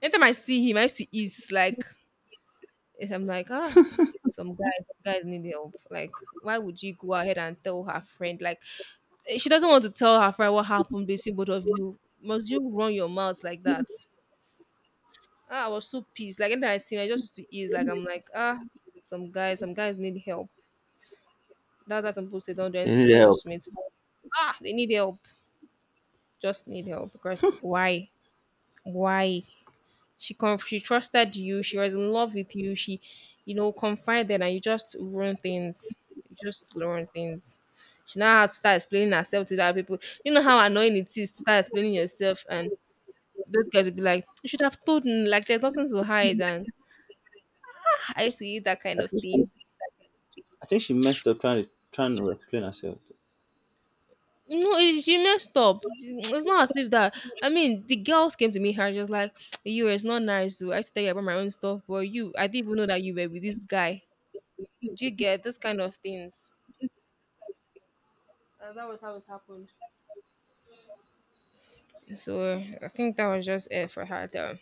S1: Anytime I see him, I used to ease. Like if I'm like, ah, some guys need help. Like, why would you go ahead and tell her friend? Like, eh, she doesn't want to tell her friend what happened between both of you. Must you run your mouth like that? Ah, I was so pissed. Like anytime I see him, I just used to ease. Like I'm like, ah, some guys need help. That's why some people say don't do anything to your classmates. But, ah, they need help. Just need help. Because why? Why? She trusted you. She was in love with you. She confided, and you just ruin things. You just ruin things. She now had to start explaining herself to the other people. You know how annoying it is to start explaining yourself, and those guys will be like, "You should have told me. Like, there's nothing to hide." And I see that kind
S2: I
S1: of
S2: think,
S1: thing.
S2: I think she messed up trying to explain herself.
S1: No, she messed up. It's not as if that. I mean, the girls came to me her just like, "You, it's not nice. Oh. I used to tell you about my own stuff, but you, I didn't even know that you were with this guy." Do you get those kind of things? That was how it happened. So I think that was just it for her. Though.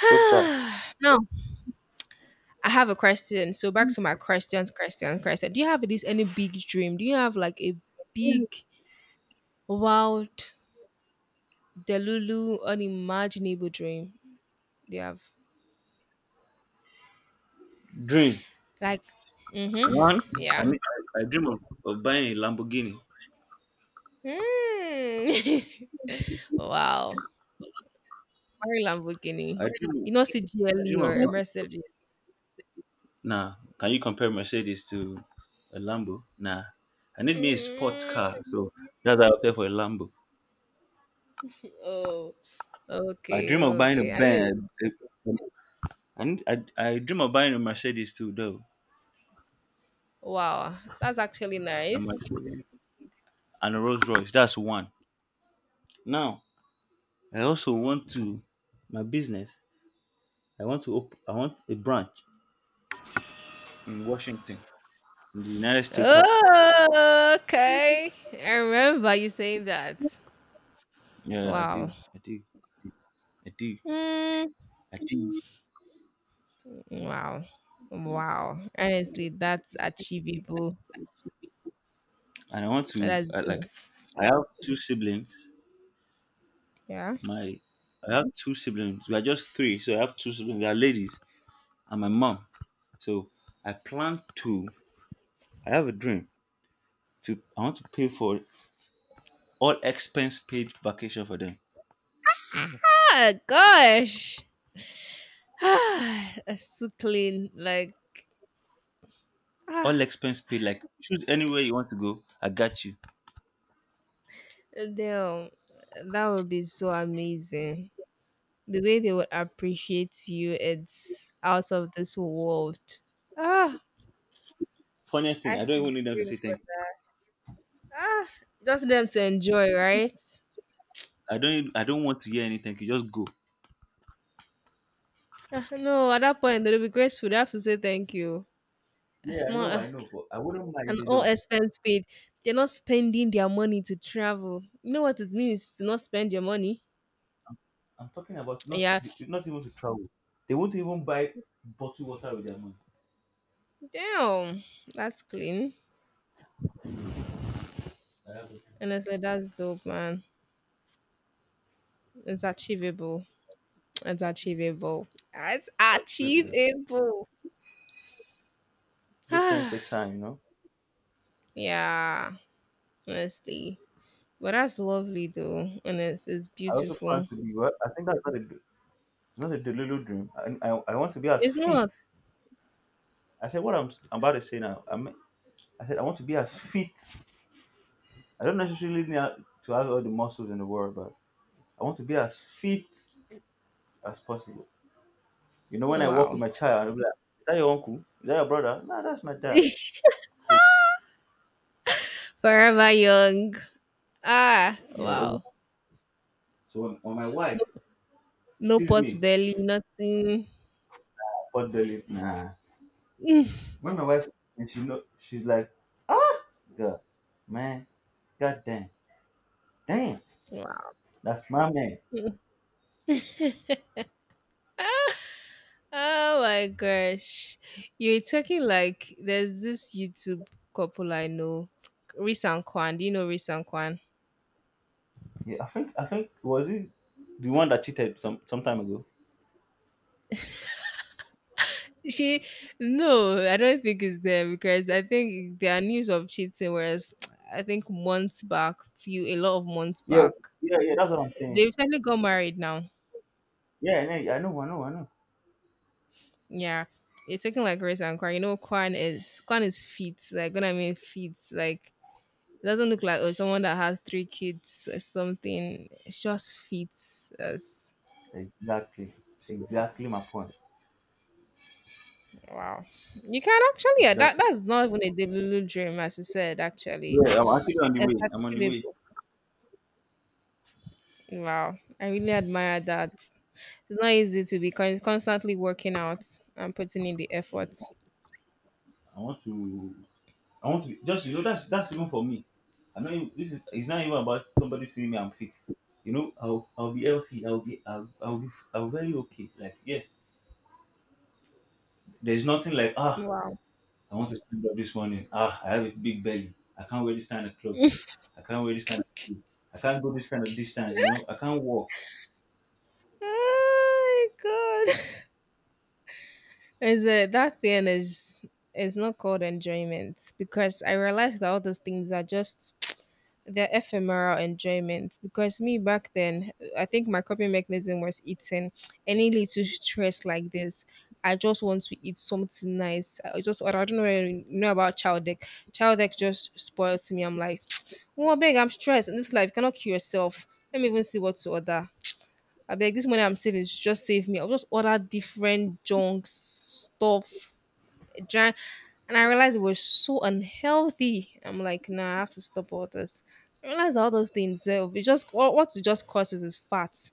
S2: So sad.
S1: Now I have a question. So back to my questions, questions, question. Do you have this any big dream? Do you have like a big, wild, delulu, unimaginable dream? Do you have
S2: Dream.
S1: like, mm-hmm,
S2: One, I,
S1: yeah.
S2: need, I dream of buying a Lamborghini.
S1: Mm. Wow. Very
S2: I,
S1: Lamborghini.
S2: I
S1: You know CGLE
S2: dream of.
S1: or Mercedes.
S2: Nah, can you compare Mercedes to a Lambo? Nah, I need me a sports car,
S1: Mm.
S2: so that's why I opted for a Lambo.
S1: Oh.
S2: I
S1: Okay,
S2: dream of buying a
S1: okay. I mean,
S2: Benz. I dream of buying a Mercedes too, though.
S1: wow, that's actually
S2: A
S1: nice.
S2: Mercedes and a Rolls Royce. That's one. Now, I also want to my business. I want a branch in Washington, in the United States capital.
S1: Oh, okay. I remember you saying that.
S2: Yeah, I
S1: Wow.
S2: do. I do. I do.
S1: Mm,
S2: I do.
S1: wow. Wow. Honestly, that's achievable.
S2: And I want to
S1: That's
S2: I, like. I have two siblings.
S1: yeah.
S2: My I have two siblings. We are just three, so I have two siblings. They are ladies and my mom. So I plan to. I have a dream to. I want to pay for all expense paid vacation for them.
S1: Ah, gosh. Ah, that's too clean. Like ah,
S2: All expense paid. Like choose anywhere you want to go. I got you.
S1: damn. That would be so amazing. The way they would appreciate you, it's out of this world. Ah,
S2: Funniest thing,
S1: I
S2: I don't
S1: should
S2: even need them to
S1: dream
S2: say
S1: for.
S2: thank you.
S1: Ah, just them to enjoy, right?
S2: I don't want to hear any thank you. Just go.
S1: Ah, no, at that point they'll be grateful. They have to say thank you.
S2: Yeah,
S1: It's not
S2: I know, but I wouldn't mind if
S1: an
S2: they
S1: all
S2: don't.
S1: expense paid. They're not spending their money to travel. You know what it means to not spend your money?
S2: I'm talking about not
S1: Yeah.
S2: not even to travel. They won't even buy bottled water with their money.
S1: Damn, that's clean.
S2: I have a dream.
S1: Honestly, that's dope, man. It's achievable. It's achievable. It's
S2: I'll share it with you.
S1: achievable.
S2: Good things
S1: Ah,
S2: take time, you know.
S1: yeah, honestly. But that's lovely though, and it's
S2: I also plan
S1: beautiful.
S2: to be well. I think that's not a d- it's not a Delulu dream. I I want to be as
S1: It's
S2: fit.
S1: not.
S2: I said what I'm about to say now. I mean, I said I want to be as fit. I don't necessarily need to have all the muscles in the world, but I want to be as fit as possible. You know, when
S1: Oh,
S2: I walk
S1: wow.
S2: with my child, I'll be like, "Is that your uncle? Is that your brother? No, that's my dad. Cool."
S1: Forever young. Ah,
S2: Yeah. Oh.
S1: wow.
S2: So when my wife
S1: No
S2: sees
S1: pot
S2: me,
S1: belly, nothing.
S2: pot belly. Nah. When my wife and she know she's like, ah girl, man, god damn, damn,
S1: Wow.
S2: that's my man.
S1: Oh my gosh. You're talking like there's this YouTube couple I know. Reese and Kwan. Do you know Reese and Kwan?
S2: Yeah, I think was it the one that cheated some time ago?
S1: She no, I don't think it's them because I think there are news of cheating whereas I think months back, few a lot of months
S2: Yeah,
S1: back.
S2: yeah, yeah, that's what I'm
S1: They
S2: saying.
S1: recently got married now.
S2: Yeah, yeah, I know, I know, I know.
S1: Yeah, you're taking like rice and Kwan. You know, Kwan is fit. Like when I mean fit, like it doesn't look like oh someone that has three kids or something. It's just fit as
S2: Exactly.
S1: s-
S2: Exactly my point.
S1: wow. You can actually yeah, that
S2: Exactly.
S1: that's not even a Delulu dream as you said. Actually,
S2: Yeah, I'm actually on the way.
S1: it's
S2: I'm on the way.
S1: achievable. Wow, I really admire that. It's not easy to be constantly working out and putting in the effort.
S2: I want to I want to be just you know that's even for me. This is it's not even about somebody seeing me I'm fit. You know, I'll be healthy. I'll very okay. Like yes, there's nothing like ah
S1: Wow.
S2: I want to stand up this morning. Ah I have a big belly. I can't wear this kind of clothes. I can't wear this kind of shoe. I can't go this kind of distance. You know, I can't walk.
S1: Oh my god. Is it that thing is not called enjoyment because I realized that all those things are just they're ephemeral enjoyment. Because me back then, I think my coping mechanism was eating any little stress like this. I just want to eat something nice. I just, or I don't know whether you know about child deck. Child deck just spoils me. I'm like, oh big. I'm stressed in this life. You cannot kill yourself. Let me even see what to order. I beg this money I'm saving just save me. I'll just order different junk stuff giant, and I realized it was so unhealthy. I'm like, nah, I have to stop all this. I realized all those things eh, it just what it just causes is fat,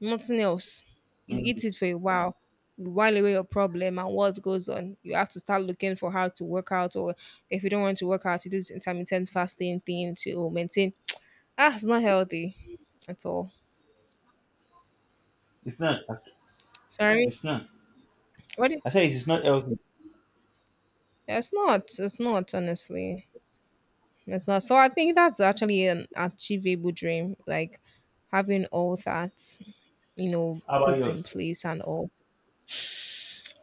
S1: nothing else. You
S2: Mm.
S1: eat it for a while, you while away your problem and what goes on. You have to start looking for how to work out or if you don't want to work out, you do this intermittent fasting thing to maintain. Ah, it's not healthy at all.
S2: It's not.
S1: Sorry.
S2: It's not.
S1: What do you-
S2: I say it's not healthy.
S1: it's not. It's not honestly. It's not. So I think that's actually an achievable dream, like having all that,
S2: How about
S1: put
S2: yours?
S1: in place and all.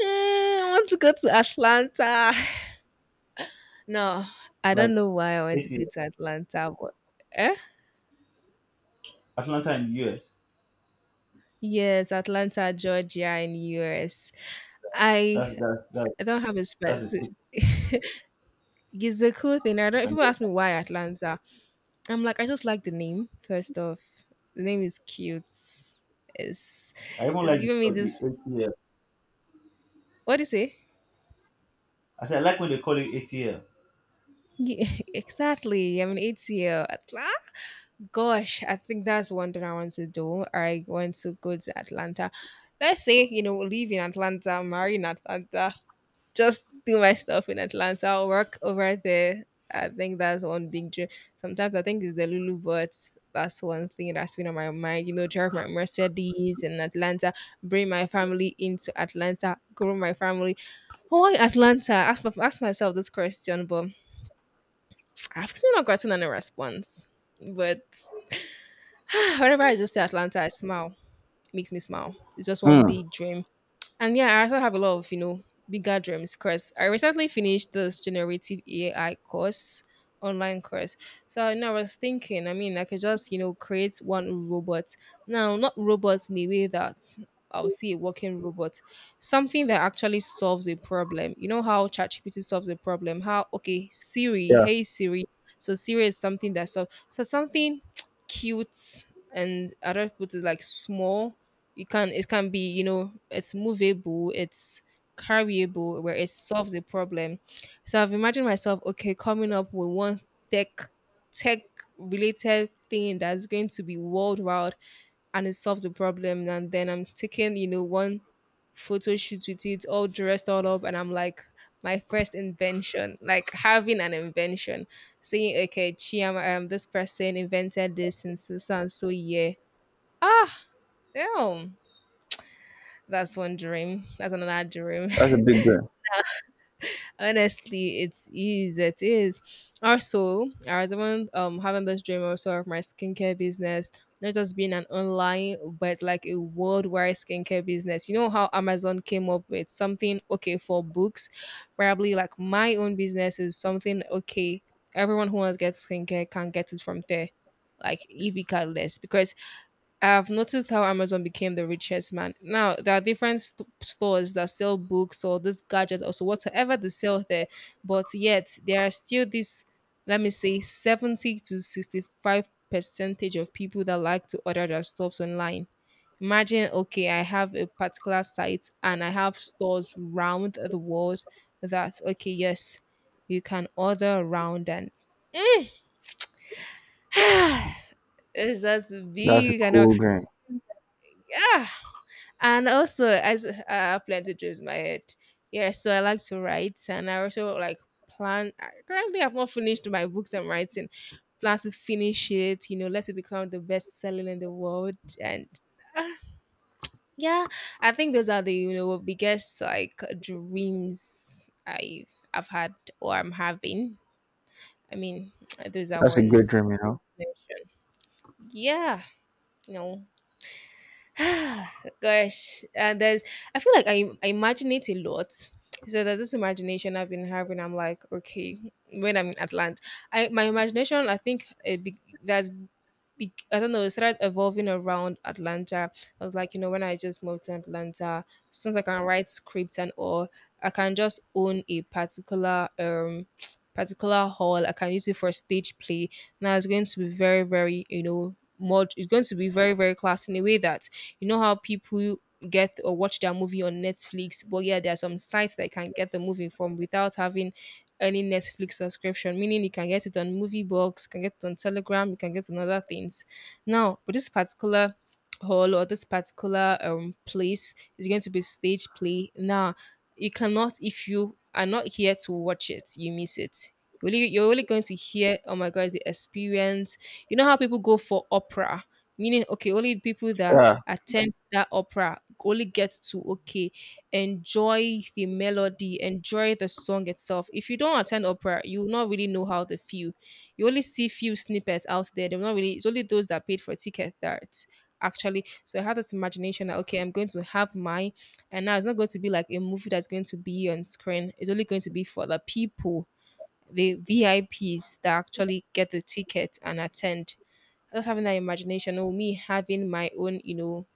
S1: Mm, I want to go to Atlanta. No, I don't
S2: Like
S1: know why I want to go
S2: 80
S1: to Atlanta, but eh?
S2: Atlanta in the US.
S1: Yes, Atlanta, Georgia in US. I
S2: That's that's that's
S1: I don't have a
S2: that's a
S1: specific
S2: tip.
S1: it's a cool thing. I
S2: You
S1: don't
S2: can
S1: people
S2: get.
S1: ask me why Atlanta. I'm like, I just like the name, first off. The name is cute. It's
S2: I even
S1: it's
S2: like
S1: giving me
S2: the
S1: this.
S2: ATL.
S1: What do you say?
S2: I said I like when they call it ATL.
S1: Yeah, exactly. I'm an ATL. Atlanta? Gosh, I think that's one thing I want to do. I want to go to Atlanta. Let's say, live in Atlanta, marry in Atlanta, just do my stuff in Atlanta, work over there. I think that's one big dream. Sometimes I think it's the Lulu, but that's one thing that's been on my mind. You know, drive my Mercedes in Atlanta, bring my family into Atlanta, grow my family. Why Atlanta? Ask myself this question, but I've still not gotten any response. But whenever I just say Atlanta, I smile. It makes me smile. It's just one
S2: Mm,
S1: big dream. And yeah, I also have a lot of, bigger dreams because I recently finished this generative AI course, online course. So, I was thinking, I mean, I could just, create one robot. Now, not robots in a way that I'll see a working robot, something that actually solves a problem. You know how ChatGPT solves a problem? How, okay, Siri, hey Siri. So Siri is something that solves. So, something cute, and I don't put it like small, you can it can be, you know, it's movable, it's carryable, where it solves a problem. So I've imagined myself, okay, coming up with one tech tech related thing that's going to be worldwide and it solves the problem. And then I'm taking, you know, one photo shoot with it, all dressed all up, and I'm like, my first invention, like having an invention, saying, okay, chi, this person invented this in so so and so year. Ah, damn, that's one dream. That's another dream.
S2: that's a big dream.
S1: Honestly, it is. It is. Also, I was even having this dream also of my skincare business, not just being an online, but like a worldwide skincare business. You know how Amazon came up with something okay for books? Probably like my own business is something okay. Everyone who wants to get skincare can get it from there, like if regardless, because I've noticed how Amazon became the richest man. Now there are different stores that sell books or these gadgets or so, whatever they sell there, but yet there are still this, let me say, 70 to 65 percentage of people that like to order their stuffs online. Imagine, okay, I have a particular site and I have stores round the world, that okay, yes, you can order around and. Mm, it's just
S2: That's a
S1: big, I know,
S2: cool dream.
S1: yeah. And also, as I have plenty of dreams in my head. Yeah, so I like to write, and I also like plan. I Currently, I've not finished my books I'm writing. Plan to finish it. You know, let it become the best selling in the world. And uh, yeah, I think those are the, you know, biggest like dreams I've had, or I'm having. I mean, those are
S2: That's a good
S1: ones.
S2: dream, you know.
S1: Mentioned. Yeah, you know, gosh, and there's, I feel like I imagine it a lot. So there's this imagination I've been having. I'm like, okay, when I'm in Atlanta, I my imagination I think it be, there's I don't know, it started evolving around Atlanta. I was like, you know, when I just moved to Atlanta, since I can write scripts and all, I can just own a particular particular hall. I can use it for stage play. Now it's going to be very, very, you know, mod it's going to be very, very class, in a way that you know how people get or watch their movie on Netflix, but yeah, there are some sites that can get the movie from without having any Netflix subscription, meaning you can get it on movie Moviebox, can get it on Telegram, you can get it on other things. Now, but this particular hall or this particular place is going to be stage play. Now, you cannot, if you are not here to watch it, you miss it. You're only going to hear, oh my god, the experience. You know how people go for opera, meaning okay, only people that
S2: Yeah,
S1: attend that opera only get to, okay, enjoy the melody, enjoy the song itself. If you don't attend opera, you will not really know how they feel. You only see few snippets out there. They're not really. It's only those that paid for ticket that actually. So I had this imagination that, okay, I'm going to have mine, and now it's not going to be like a movie that's going to be on screen. It's only going to be for the people, the VIPs that actually get the ticket and attend. Just having that imagination, or me having my own, you know,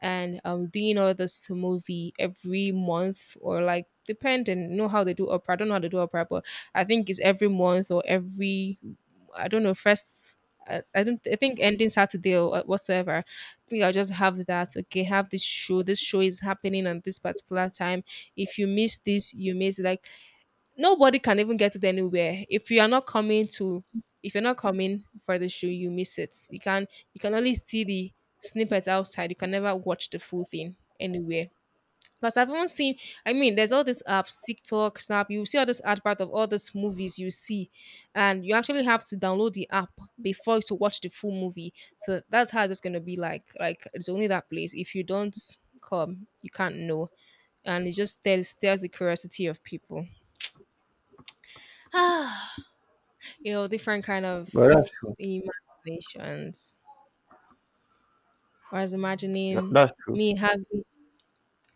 S1: and doing all this movie every month or like depending, you know how they do opera, I don't know how they do opera, but I think it's every month or every, I don't know, first, I don't, I think ending Saturday or whatsoever. I think I'll just have that, okay, have this show. This show is happening on this particular time. If you miss this, you miss, like, nobody can even get it anywhere. If you are not coming to, if you're not coming for the show, you miss it. You can, you can only see the snippets outside. You can never watch the full thing anywhere. Because I've even seen, I mean, there's all these apps, TikTok, Snap. You see all this advert of all these movies you see, and you actually have to download the app before to watch the full movie. So that's how it's going to be like. Like it's only that place. If you don't come, you can't know, and it just stirs, stirs the curiosity of people, you know, different kind of
S2: but that's true.
S1: imaginations. I was
S2: Yeah,
S1: imagining
S2: that's true.
S1: me having,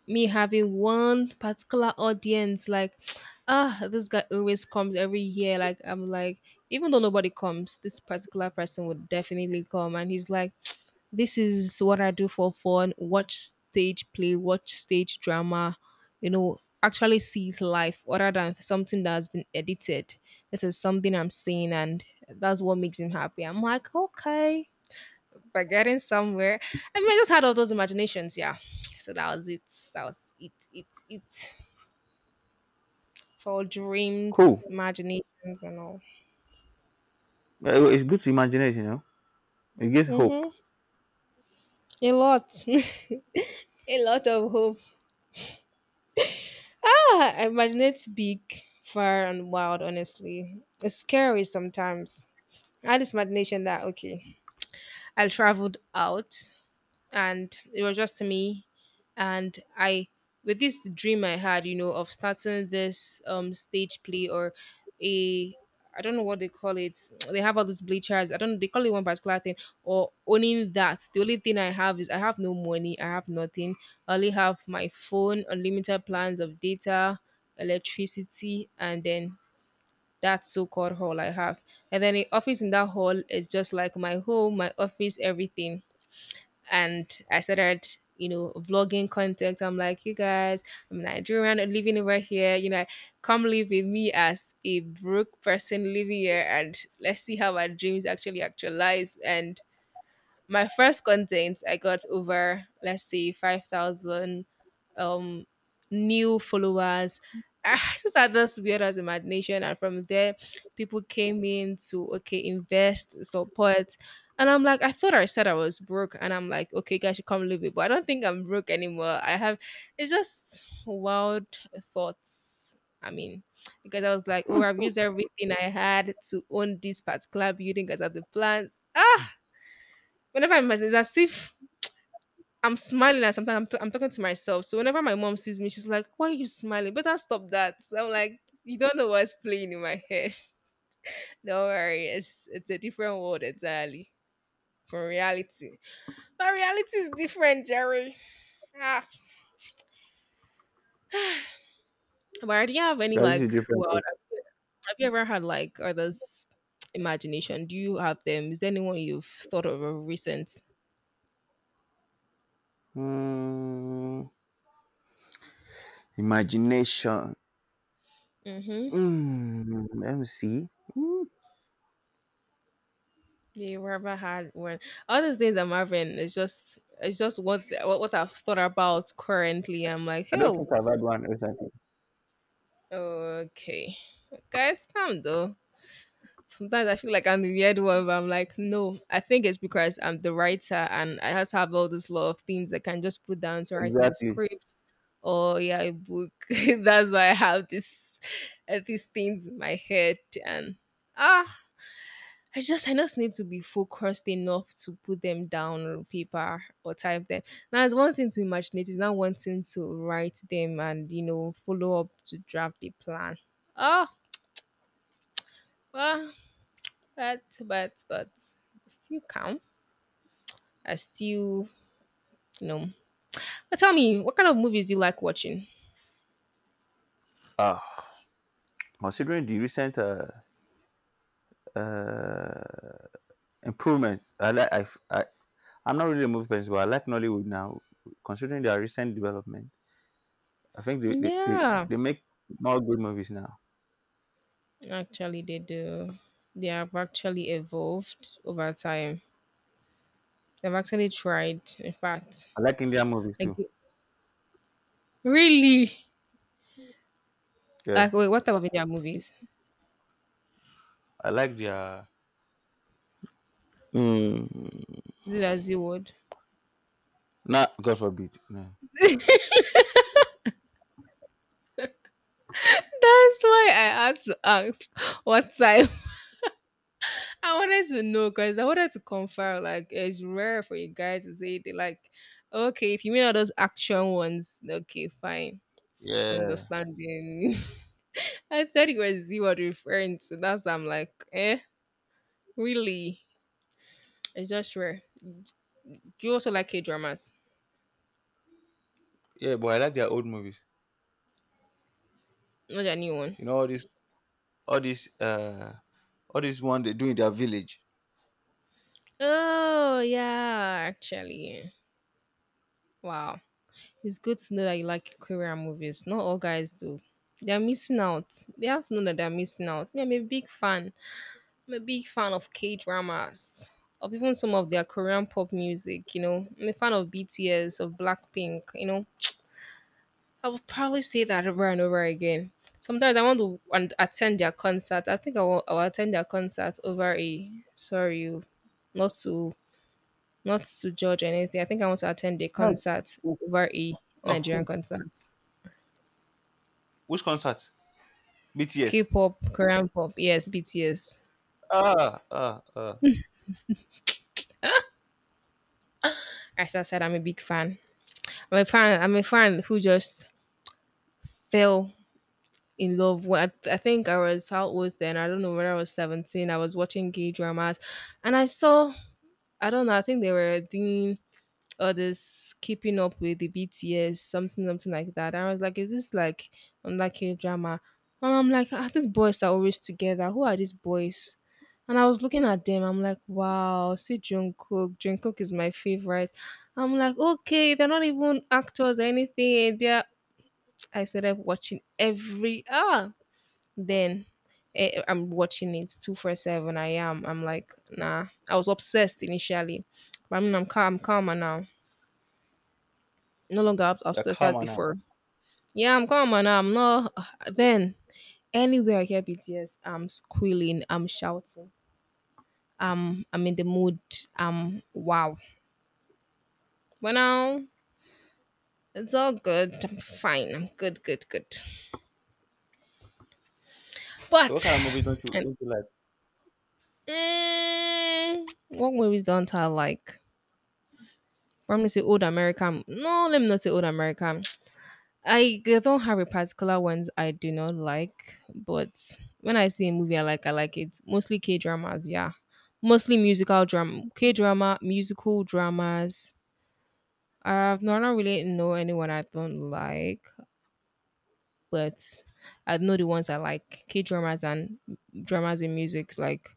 S1: me having one particular audience, like, ah, this guy always comes every year. Like, I'm like, even though nobody comes, this particular person would definitely come, and he's like, this is what I do for fun, watch stage play, watch stage drama, you know, actually see it live, other than something that's been edited. This is something I'm seeing, and that's what makes him happy. I'm like, okay, we're getting somewhere. I mean, I just had all those imaginations, yeah. So that was it. That was it. It for
S2: Cool.
S1: dreams, imaginations, and all.
S2: Yeah, it's good to imagination, you know. It gives hope.
S1: Mm-hmm. A lot, a lot of hope. Ah, I imagine it's big, far, and wild, honestly. It's scary sometimes. I had this imagination that, okay, I traveled out, and it was just me and I with this dream I had, you know, of starting this stage play, or a, I don't know what they call it, they have all these bleachers, I don't know, they call it one particular thing, or owning that, the only thing I have is, I have no money, I have nothing, I only have my phone, unlimited plans of data, electricity, and then that so-called hall I have, and then the office in that hall is just like my home, my office, everything. And I started, you know, vlogging content. I'm like, you guys, I'm Nigerian living over here. You know, come live with me as a broke person living here, and let's see how our dreams actually actualize. And my first content, I got over, let's say, 5,000 um new followers. I just had this weird as imagination, and from there, people came in to, okay, invest, support, and I'm like, I thought I said I was broke, and I'm like, okay, you guys should come live it, but I don't think I'm broke anymore. I have it's just wild thoughts. I mean, because I was like, oh, I've used everything I had to own this particular building because of the plans. Ah, whenever I'm, it's as if I'm smiling, and sometimes I'm, I'm talking to myself. So whenever my mom sees me, she's like, "Why are you smiling? Better stop that." So I'm like, "You don't know what's playing in my head. Don't worry, it's a different world entirely from reality. But reality is different, Jerry. Ah. But do you have any,
S2: Yeah, this is
S1: like,
S2: different
S1: well,
S2: too.
S1: have you, have you ever had like others imagination? Do you have them? Is there anyone you've thought of recent?
S2: Mm, imagination.
S1: Mm-hmm.
S2: Mm, let me see. Mm,
S1: Yeah, you ever had one? All these things I'm having is just, it's just what, what I've thought about currently. I'm like,
S2: I don't
S1: hey,
S2: think I've had one recently.
S1: okay, guys, calm though. Sometimes I feel like I'm the weird one, but I'm like, no. I think it's because I'm the writer, and I just have all this lot of things that can just put down to writing a
S2: Exactly.
S1: script, or yeah, a book. That's why I have this these things in my head, and ah, I just need to be focused enough to put them down on paper or type them. Now it's one thing to imagine it, it's not one thing to write them and, you know, follow up to draft a plan. Oh well, but I still calm. I still, you know. But tell me, what kind of movies do you like watching?
S2: Ah, considering the recent uh, improvements, I like. I, I'm not really a movie person, but I like Nollywood now. Considering their recent development, I think
S1: Yeah,
S2: they make more good movies now.
S1: actually they do. They have actually evolved over time. They've actually tried. In fact,
S2: I like Indian movies
S1: like,
S2: too.
S1: really.
S2: Yeah.
S1: Like, wait, what type of Indian movies?
S2: I like their. Mm,
S1: Is it a Z word?
S2: not God forbid. No.
S1: That's why I had to ask what type. I wanted to know because I wanted to confirm. Like, it's rare for you guys to say they like, okay, if you mean all those action ones, okay, fine,
S2: Yeah.
S1: understanding. I thought it was Z word referring to. That's why I'm like, eh, really? It's just rare. Do you also like K dramas?
S2: Yeah, but I like their old movies.
S1: Not a new one.
S2: You know, all this, uh, all this one they do in their village.
S1: Oh yeah, actually, wow. It's good to know that you like Korean movies. Not all guys do. They're missing out. They have to know that they're missing out. Me, I'm a big fan. I'm a big fan of K dramas, of even some of their Korean pop music. I'm a fan of BTS, of Blackpink. I will probably say that over and over again. Sometimes I want to and attend their concert. I think I will attend their concert over a— sorry, oh, not to not to judge anything. I think I want to attend a
S2: Yes.
S1: concert
S2: Who?
S1: over a
S2: Of
S1: Nigerian
S2: who?
S1: concert.
S2: Which concert? BTS.
S1: K-pop, Korean pop. Yes, BTS.
S2: Ah, ah, ah.
S1: As I said, I'm a big fan. I'm a fan. I'm a fan who just fell in love. When I think I was how old then? I don't know, when I was 17, I was watching gay dramas, and I saw. I don't know. I think they were doing others keeping up with the BTS, something, something like that. And I was like, is this like unlike a drama? And I'm like, these boys are always together. Who are these boys? And I was looking at them. I'm like, wow, see Jungkook. Jungkook is my favorite. I'm like, okay, they're not even actors or anything. They're. I started watching every. Then I'm watching it 24/7. I am. I'm like, nah. I was obsessed initially, but I mean, I'm calm. I'm calmer now. No longer
S2: You're
S1: obsessed as
S2: calmer now.
S1: before. Yeah, I'm calm and I'm not. Then anywhere I hear BTS, I'm squealing, I'm shouting, I'm in the mood. Wow. But now it's all good. I'm fine. I'm good, good, good.
S2: So what
S1: But
S2: kind of
S1: and
S2: like?
S1: what movies don't I like? From me say old American. No, let me not say old American. I don't have a particular ones I do not like, but when I see a movie I like it. Mostly K dramas, yeah. Mostly musical drama, K drama, musical dramas. I don't really know anyone I don't like, but I know the ones I like. K dramas and dramas with music, like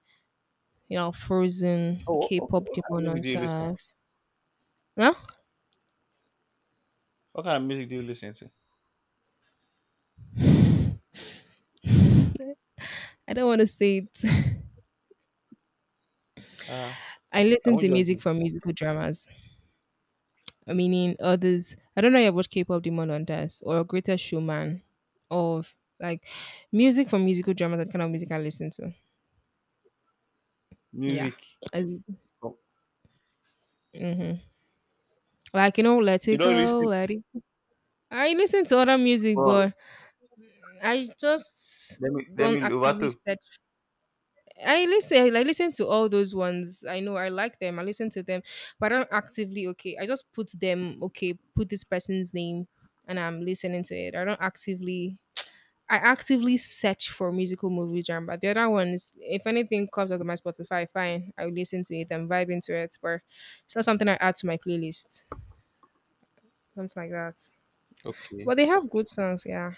S1: Frozen,
S2: Oh,
S1: K-pop,
S2: okay,
S1: Demon
S2: listen.
S1: Hunters. No,
S2: What kind of?
S1: I don't want to say it.
S2: Ah,
S1: I
S2: I
S1: listen
S2: won't
S1: to
S2: judge
S1: music
S2: you.
S1: from musical dramas, meaning others. I don't know about K-pop Demon Hunters or Greater Showman or like music from musical drama, that kind of music I listen to. Yeah.
S2: Music.
S1: Mm-hmm. Like, Let
S2: You
S1: It
S2: don't
S1: Go,
S2: listen.
S1: Let It I listen to other music,
S2: Well,
S1: but I just
S2: let From
S1: don't
S2: Demi
S1: actively
S2: Lovato.
S1: search. I listen. I listen to all those ones. I know I like them. I listen to them, but I don't actively. Okay, I just put them. Okay, put this person's name, and I'm listening to it. I don't actively I actively search for musical movie genre. But the other ones, if anything comes out of my Spotify, fine, I will listen to it and vibe into it. But it's not something I add to my playlist, something like that.
S2: Okay.
S1: But they have good songs, yeah.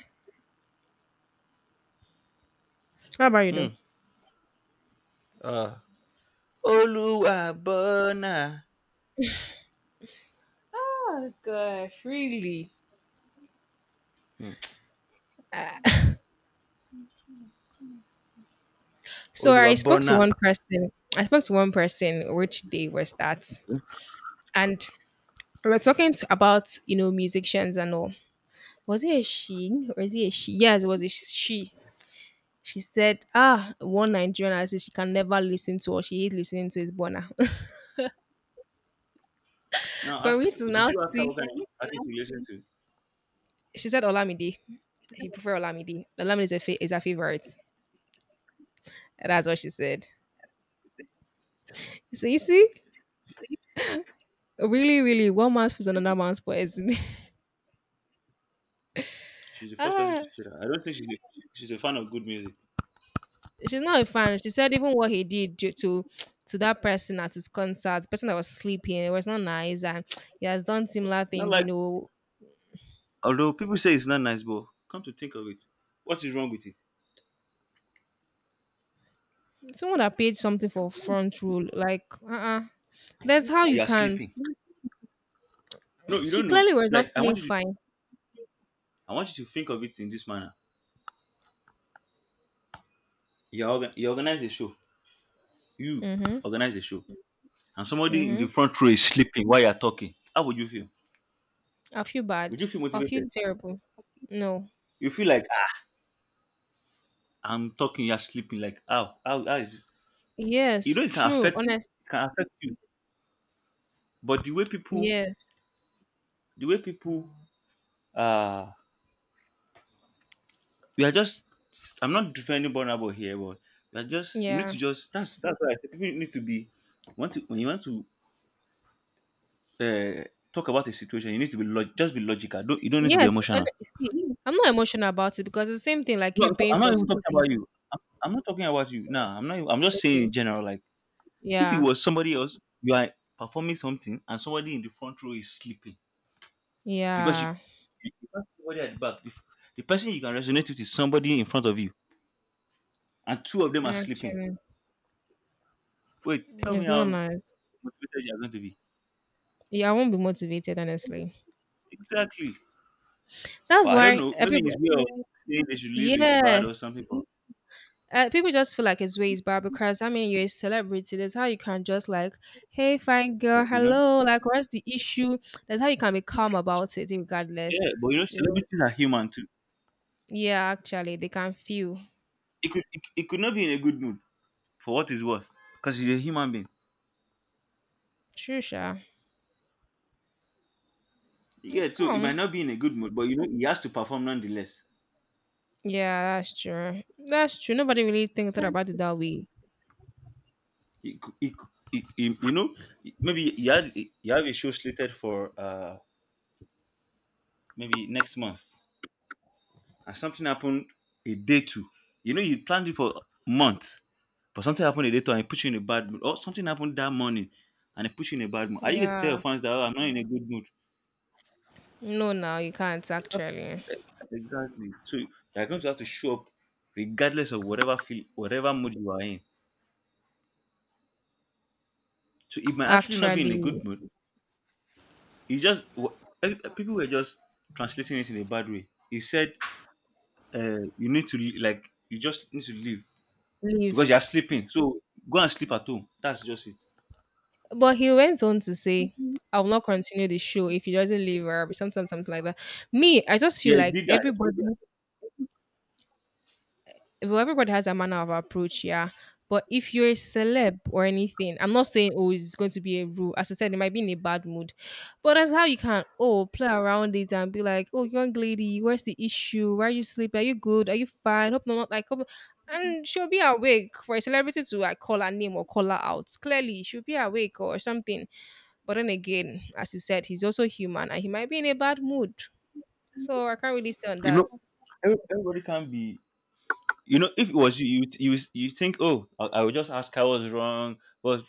S1: How about you, though?
S2: Hmm. Uh, Oluwa bona.
S1: Oh gosh, really?
S2: Hmm.
S1: So
S2: Oluwa
S1: I spoke to
S2: bona.
S1: one person. I spoke to one person. Which day was that? And we were talking about musicians and all. Was it a she or is it a she? Yes, it was a she. She said, "Ah, one Nigerian I said she can never listen to or she is listening to is Burna."
S2: Now
S1: For
S2: ask.
S1: me to
S2: Did
S1: now
S2: you ask her what
S1: see,
S2: kind of artist you listen to?
S1: she said Olamide. She prefer Olamide. Olamide is her favorite. That's what she said. So you see, really, really, one man's food is another man's poison.
S2: She's the first person to
S1: ah,
S2: say that. I don't think she's a fan of good music.
S1: she's not a fan. She said even what he did to that person at his concert, the person that was sleeping, it was not nice, and he has done similar
S2: Not
S1: things.
S2: like although people say it's not nice, but come to think of it, what is wrong with it?
S1: Someone that paid something for front row, like that's how you
S2: You are
S1: can.
S2: sleeping. No, you
S1: She
S2: don't know.
S1: clearly was not
S2: Like I want
S1: feeling
S2: you to
S1: fine.
S2: think of it in this manner. You organize a show. You
S1: Mm-hmm.
S2: organize a show. And somebody in the
S1: Mm-hmm.
S2: front row is sleeping while you're talking, how would you feel?
S1: I feel
S2: Would
S1: bad.
S2: you feel
S1: I feel
S2: motivated?
S1: terrible. No.
S2: You feel like "Ah, I'm talking, you're sleeping. Like how? How is this?" You
S1: Yes,
S2: know
S1: true.
S2: it
S1: Honest.
S2: can affect you. But
S1: Yes.
S2: the way people uh we are just I'm not defending vulnerable here, but we are just you need
S1: Yeah.
S2: to just that's why I said people need to be want to when you want to uh talk about a situation, you need to be just be logical. Don't you don't need to be
S1: Yes. And
S2: emotional.
S1: see, I'm not emotional about it because it's the same thing like
S2: No,
S1: you paying
S2: I'm
S1: for
S2: not even
S1: school
S2: talking about
S1: fees.
S2: you. I'm not talking about you. Nah, I'm not. Even- I'm just saying
S1: Okay.
S2: in general, like if it
S1: Yeah.
S2: was somebody else, you are performing something and somebody in the front row is sleeping because you,
S1: Yeah.
S2: you can somebody at the back. The person you can resonate with is somebody in front of you, and two of them are sleeping.
S1: Actually,
S2: Wait, tell me
S1: it's not
S2: how
S1: nice.
S2: motivated you are going to be.
S1: Yeah, I won't be motivated, honestly.
S2: Exactly. But
S1: That's
S2: I don't
S1: why
S2: know. Maybe
S1: everybody.
S2: his way saying they should leave is bad or
S1: Yes.
S2: something.
S1: People just feel like it's ways, but because I mean, you're a celebrity. That's how you can just like, hey, fine girl,
S2: But you know,
S1: hello. Like, what's the issue? That's how you can be calm about it,
S2: yeah.
S1: regardless.
S2: But you know,
S1: You know?
S2: celebrities are human too.
S1: Yeah, actually, they can feel.
S2: It could not be in a good mood for what it's worth because he's a human being.
S1: True, sure. It's
S2: Yeah, so it might
S1: calm.
S2: not be in a good mood, but you know, he has to perform nonetheless.
S1: Yeah, that's true. That's true. Nobody really thinks about it that way.
S2: He, cou- he, cou- he- you know, maybe you have a show slated for maybe next month, and something happened a day two. You know, you planned it for months, but something happened a day two and it put you in a bad mood, or something happened that morning and it put you in a bad mood. Are you going to tell your
S1: Yeah.
S2: fans that "Oh, I'm not in a good mood?"
S1: No, now you can't
S2: It's not
S1: actually.
S2: eh, exactly. So you're going to have to show up regardless of whatever feel, whatever mood you are in. So it might actually not be in a
S1: Actually,
S2: good mood. It's just wh- eh, people were just translating it in a bad way. He said you need to like you just need to leave because you
S1: leave.
S2: are sleeping. So go and sleep at home. That's just it.
S1: But he went on to say, I will not continue the show if he doesn't leave or something, something like that. Me, I just feel
S2: Yeah, you
S1: like
S2: did that. You, did
S1: everybody, well, everybody has a manner of approach, yeah. But if you're a celeb or anything, I'm not saying oh it's going to be a rule. As I said, it might be in a bad mood, but that's how you can oh play around it and be like oh young lady, where's the issue? Why are you sleeping? Are you good? Are you fine? Hope not like hope and she'll be awake for a celebrity to like call her name or call her out. Clearly, she'll be awake or something. But then again, as you said, he's also human and he might be in a bad mood. So I can't really say on
S2: that. You
S1: that.
S2: know, everybody can be. You know, if it was you, you think, oh, I will just ask I was wrong. But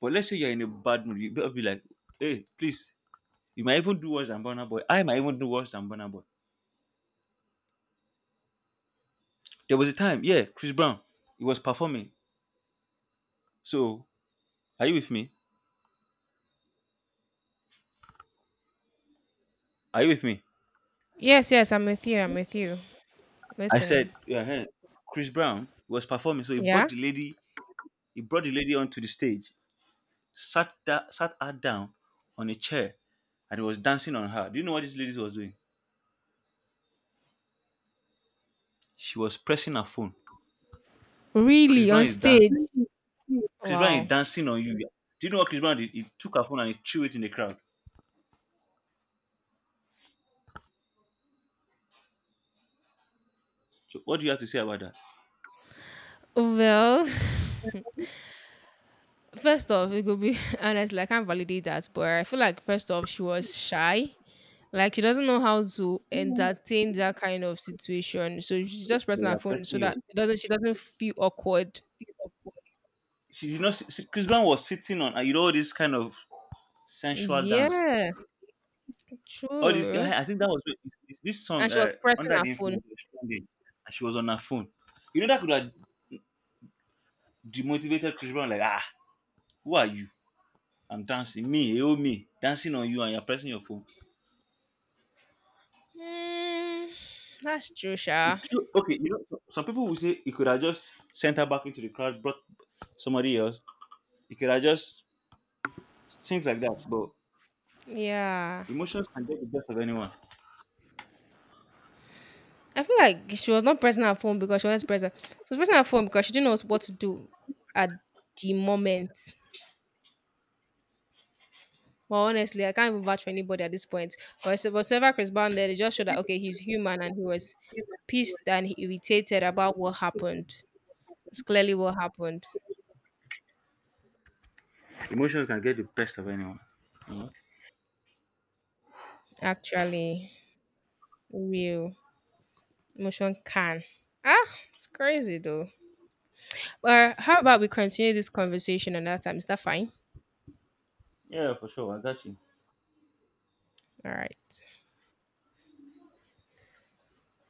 S2: but let's say you're in a bad mood, you better be like, hey, please. You might even do worse than Burna Boy. I might even do worse than Burna Boy. There was a time, yeah, Chris Brown, he was performing. So are you with me? Are you with me?
S1: Yes, yes, I'm with you. I'm with you.
S2: I
S1: Listening.
S2: said, yeah, hey, Chris Brown was performing, so
S1: Yeah?
S2: he brought the lady onto the stage, sat her down on a chair, and he was dancing on her. Do you know what this lady was doing? She was pressing her phone. Chris
S1: Really?
S2: Brown
S1: On
S2: is
S1: stage?
S2: dancing. Chris Brown
S1: Wow.
S2: is dancing on you. Do you know what Chris Brown did? He took her phone and he threw it in the crowd. So what do you have to say about that?
S1: Well, first off, it could be honestly, I can't validate that. But I feel like, first off, she was shy. Like, she doesn't know how to entertain that kind of situation. So she's just
S2: But
S1: pressing
S2: you
S1: her
S2: are
S1: phone
S2: pressing
S1: so
S2: your.
S1: that it doesn't she doesn't feel awkward.
S2: She did not. See- Chris Brown was sitting on. And you know all this kind of
S1: Mm,
S2: sensual dance.
S1: yeah,
S2: All this.
S1: true.
S2: I think that was it's this
S1: And
S2: song
S1: she was pressing
S2: under
S1: her
S2: the
S1: phone.
S2: influence was trending, and she was on her phone. You know that could have demotivated Chris Brown. Like ah, who are you? I'm dancing. Me, you, me, dancing on you and you're pressing your phone.
S1: Mm, that's true, Sha.
S2: Okay, you know, some people will say you could have just sent her back into the crowd, brought somebody else. You could have just things like that. But
S1: Yeah.
S2: emotions can get the best of anyone.
S1: I feel like she was not pressing her phone because she was present. She was pressing her phone because she didn't know what to do at the moment. Well, honestly, I can't even vouch for anybody at this point. But whatsoever Chris Brown did, it just showed that okay, he's human and he was pissed and irritated about what happened. It's clearly what happened.
S2: Emotions can get the best of anyone. You know?
S1: Actually, real emotion can. Ah, it's crazy though. But how about we continue this conversation another time? Is that fine?
S2: Yeah, for sure. I got you.
S1: All right.